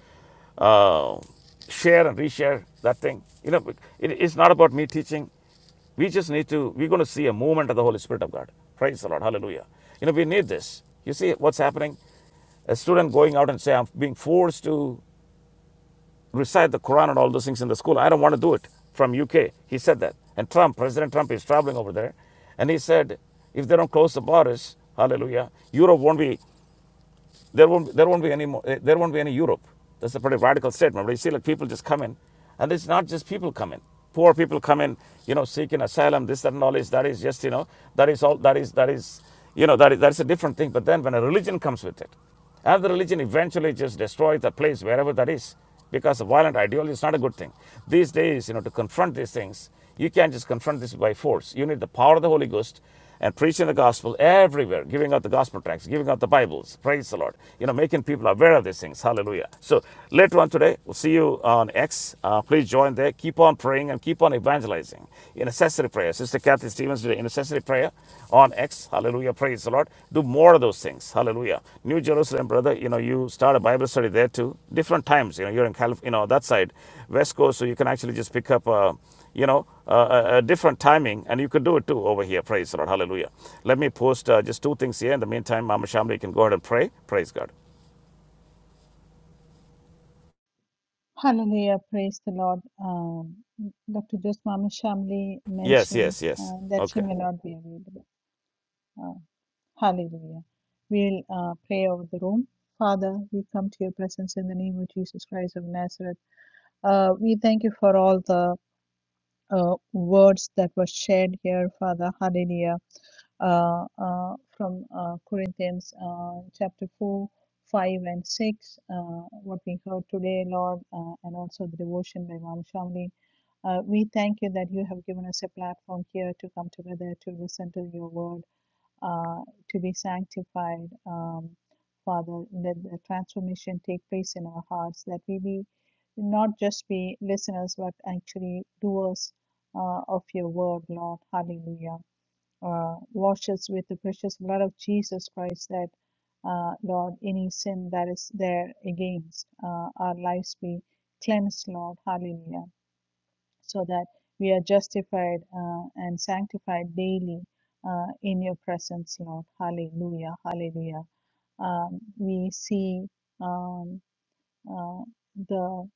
S2: uh, share and reshare that thing. You know, it, it's not about me teaching. We just need to, we're going to see a movement of the Holy Spirit of God. Praise the Lord. Hallelujah. You know, we need this. You see what's happening? A student going out and say, I'm being forced to recite the Quran and all those things in the school. I don't want to do it from UK. He said that. And Trump, President Trump is traveling over there. And he said, if they don't close the borders, hallelujah, Europe won't be there won't, there won't be any more, eh, there won't be any Europe. That's a pretty radical statement. But you see, like people just come in, and it's not just people come in. Poor people come in, you know, seeking asylum. This, that, and all is that is just you know that is all that is that is you know that is, that is a different thing. But then when a religion comes with it, and the religion eventually just destroys the place wherever that is because a violent ideology is not a good thing. These days, you know, to confront these things, you can't just confront this by force. You need the power of the Holy Ghost and preaching the gospel everywhere, giving out the gospel tracts, giving out the Bibles. Praise the Lord. You know, making people aware of these things. Hallelujah. So later on today, we'll see you on X. Uh, please join there. Keep on praying and keep on evangelizing. In accessory prayer, Sister Kathy Stevens today, intercessory prayer on X. Hallelujah. Praise the Lord. Do more of those things. Hallelujah. New Jerusalem, brother, you know, you start a Bible study there too. Different times, you know, you're in California, you know, that side, West Coast, so you can actually just pick up, uh, you know, uh, a, a different timing, and you could do it too over here. Praise the Lord. Hallelujah. Let me post uh, just two things here. In the meantime, Mama Shamli you can go ahead and pray. Praise God.
S1: Hallelujah. Praise the Lord. Um, Dr. Joseph Mama Shamli
S2: Yes,
S1: mentioned
S2: yes, yes.
S1: uh, that she
S2: Okay.
S1: may not be available. Uh, Hallelujah. We'll uh, pray over the room. Father, we come to your presence in the name of Jesus Christ of Nazareth. Uh, we thank you for all the uh, words that were shared here, Father. Hallelujah. Uh, uh, from uh, Corinthians uh, chapter 4, 5, and 6, uh, what we heard today, Lord, uh, and also the devotion by Mom Shamli. Uh, we thank you that you have given us a platform here to come together to listen to your word uh, to be sanctified, um, Father, let the transformation take place in our hearts, that we be not just be listeners, but actually doers uh, of your word, Lord. Hallelujah. Uh, wash us with the precious blood of Jesus Christ, that, uh, Lord, any sin that is there against uh, our lives be cleansed, Lord. Hallelujah so that we are justified uh, and sanctified daily uh, in your presence, Lord. Hallelujah, hallelujah. Um, we see um, uh, the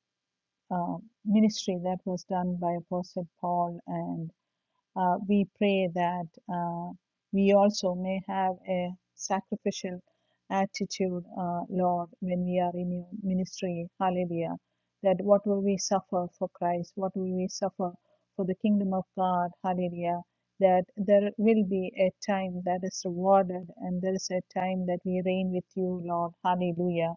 S1: uh, ministry that was done by Apostle Paul and uh, we pray that uh, we also may have a sacrificial attitude, uh, Lord, when we are in your ministry. Hallelujah. That what will we suffer for Christ? What will we suffer for the kingdom of God? Hallelujah. That there will be a time that is rewarded and there is a time that we reign with you, Lord. Hallelujah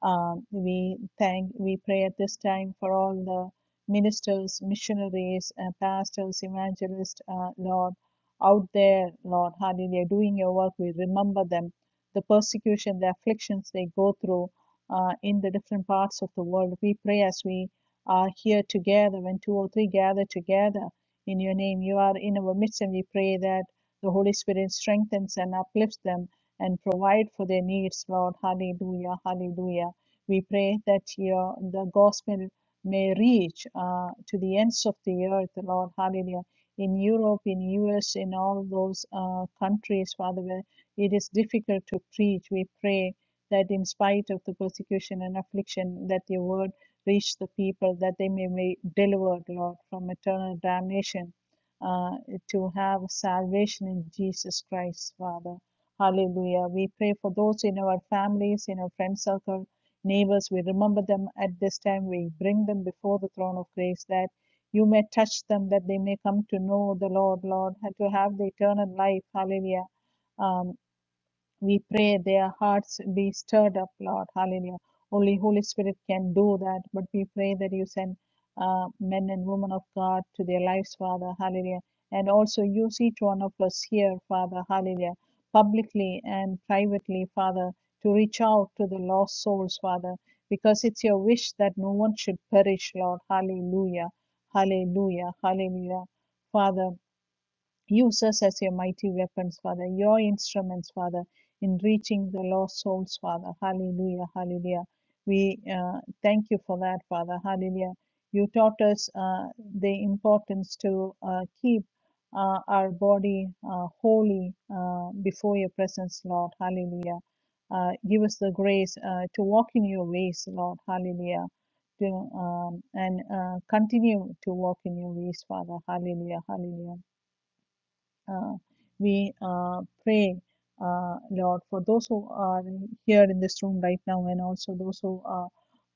S1: um, we thank, we pray at this time for all the ministers, missionaries, uh, pastors, evangelists, uh, Lord, out there, Lord, hallelujah, doing your work. We remember them, the persecution, the afflictions they go through uh, in the different parts of the world. We pray as we are here together, when two or three gather together in your name, you are in our midst, and we pray that the Holy Spirit strengthens and uplifts them and provide for their needs, Lord. Hallelujah, hallelujah. We pray that your the gospel may reach uh, to the ends of the earth, Lord. Hallelujah. In Europe, in US, in all those uh, countries, Father, where it is difficult to preach, we pray that in spite of the persecution and affliction, that your word reach the people, that they may be delivered, Lord, from eternal damnation, uh, to have salvation in Jesus Christ, Father. Hallelujah. We pray for those in our families, in our friend circle, Neighbors, we remember them at this time. We bring them before the throne of grace that you may touch them, that they may come to know the Lord, Lord, and to have the eternal life. Hallelujah. Um, we pray their hearts be stirred up, Lord. Hallelujah. Only Holy Spirit can do that, but we pray that you send uh, men and women of God to their lives, Father. Hallelujah. And also use each one of us here, Father. Hallelujah. Publicly and privately, Father, to reach out to the lost souls, Father, because it's your wish that no one should perish, Lord. Hallelujah. Hallelujah. Hallelujah. Father, Use us as your mighty weapons, Father, your instruments, Father, in reaching the lost souls, Father. Hallelujah, hallelujah. We uh, thank you for that, Father. Hallelujah. You taught us uh, the importance to uh, keep uh, our body uh, holy uh, before your presence, Lord. Hallelujah. Uh, give us the grace uh, to walk in your ways, Lord. Hallelujah. To, um, and uh, continue to walk in your ways, Father. Hallelujah, hallelujah uh, we uh, pray, uh, Lord, for those who are here in this room right now and also those who are,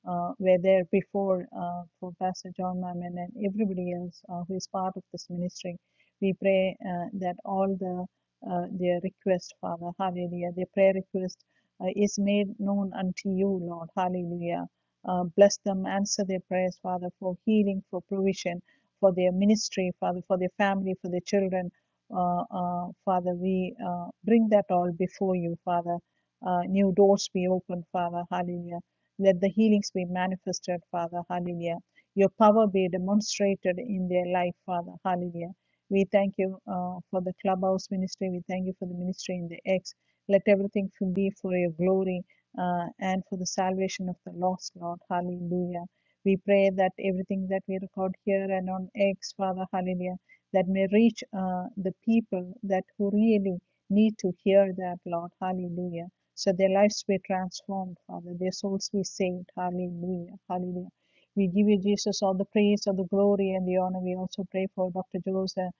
S1: uh, were there before uh, for Pastor John Mammon and everybody else uh, who is part of this ministry. We pray uh, that all the uh, their request, Father, hallelujah, their prayer request uh, is made known unto you, Lord, hallelujah. Uh, bless them, answer their prayers, Father, for healing, for provision, for their ministry, Father, for their family, for their children, uh, uh, Father, we uh, bring that all before you, Father. Uh, new doors be opened, Father. Hallelujah. Let the healings be manifested, Father. Hallelujah. Your power be demonstrated in their life, Father. Hallelujah. We thank you uh, for the clubhouse ministry. We thank you for the ministry in the X. Let everything be for your glory uh, and for the salvation of the lost, Lord. Hallelujah. We pray that everything that we record here and on X, Father, hallelujah that may reach uh, the people that who really need to hear that, Lord. Hallelujah. So their lives be transformed, Father. Their souls be saved. Hallelujah. Hallelujah. We give you, Jesus, all the praise, all the glory, and the honor. We also pray for Dr. Joseph,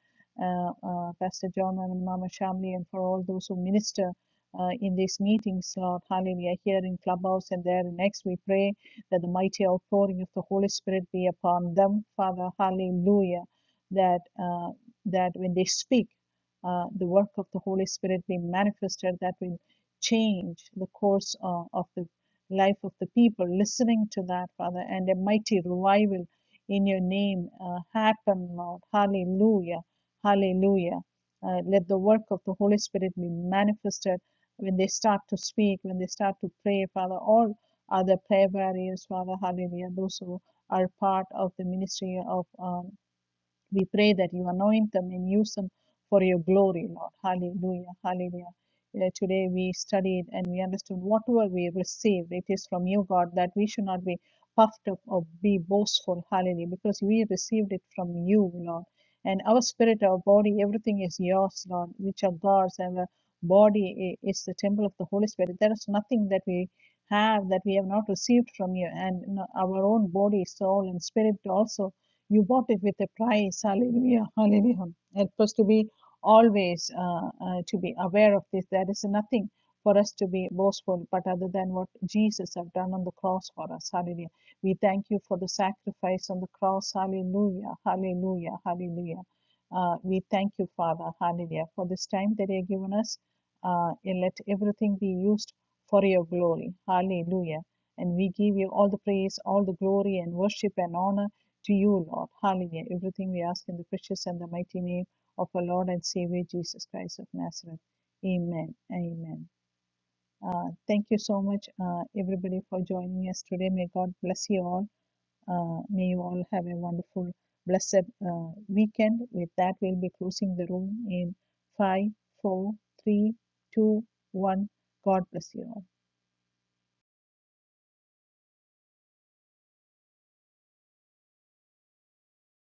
S1: uh, uh, Pastor John, and Mama Shamli, and for all those who minister uh, in these meetings, Lord. Hallelujah. Here in Clubhouse and there in X, we pray that the mighty outpouring of the Holy Spirit be upon them, Father. Hallelujah that uh, that when they speak, uh, the work of the Holy Spirit be manifested, that will change the course uh, of the life of the people listening to that, Father, and a mighty revival in your name uh, happen, Lord. Hallelujah. Hallelujah. Uh, let the work of the Holy Spirit be manifested when they start to speak, when they start to pray, Father. All other prayer barriers, Father, hallelujah. Those who are part of the ministry of um, we pray that you anoint them and use them for your glory, Lord. Hallelujah. Hallelujah. Uh, today we studied and we understood whatever we received, it is from you, God, that we should not be puffed up or be boastful. Hallelujah. Because we received it from you, Lord. And our spirit, our body, everything is yours, Lord, which are God's, and the body is the temple of the Holy Spirit. There is nothing that we have that we have not received from you, and our own body, soul, and spirit also you bought it with a price. Hallelujah. Hallelujah. Help us to be always uh, uh, to be aware of this. There is nothing for us to be boastful, but other than what Jesus have done on the cross for us. Hallelujah. We thank you for the sacrifice on the cross. Hallelujah. Hallelujah. Hallelujah. Uh, we thank you, Father. Hallelujah. For this time that you have given us, uh, and let everything be used for your glory. Hallelujah. And we give you all the praise, all the glory and worship and honor to you, Lord. Hallelujah. Everything we ask in the precious and the mighty name of our Lord and Savior Jesus Christ of Nazareth. Amen. Amen. Uh, thank you so much, uh, everybody, for joining us today. May God bless you all. Uh, may you all have a wonderful, blessed uh, weekend. With that, we'll be closing the room in five, four, three, two, one. God bless you all.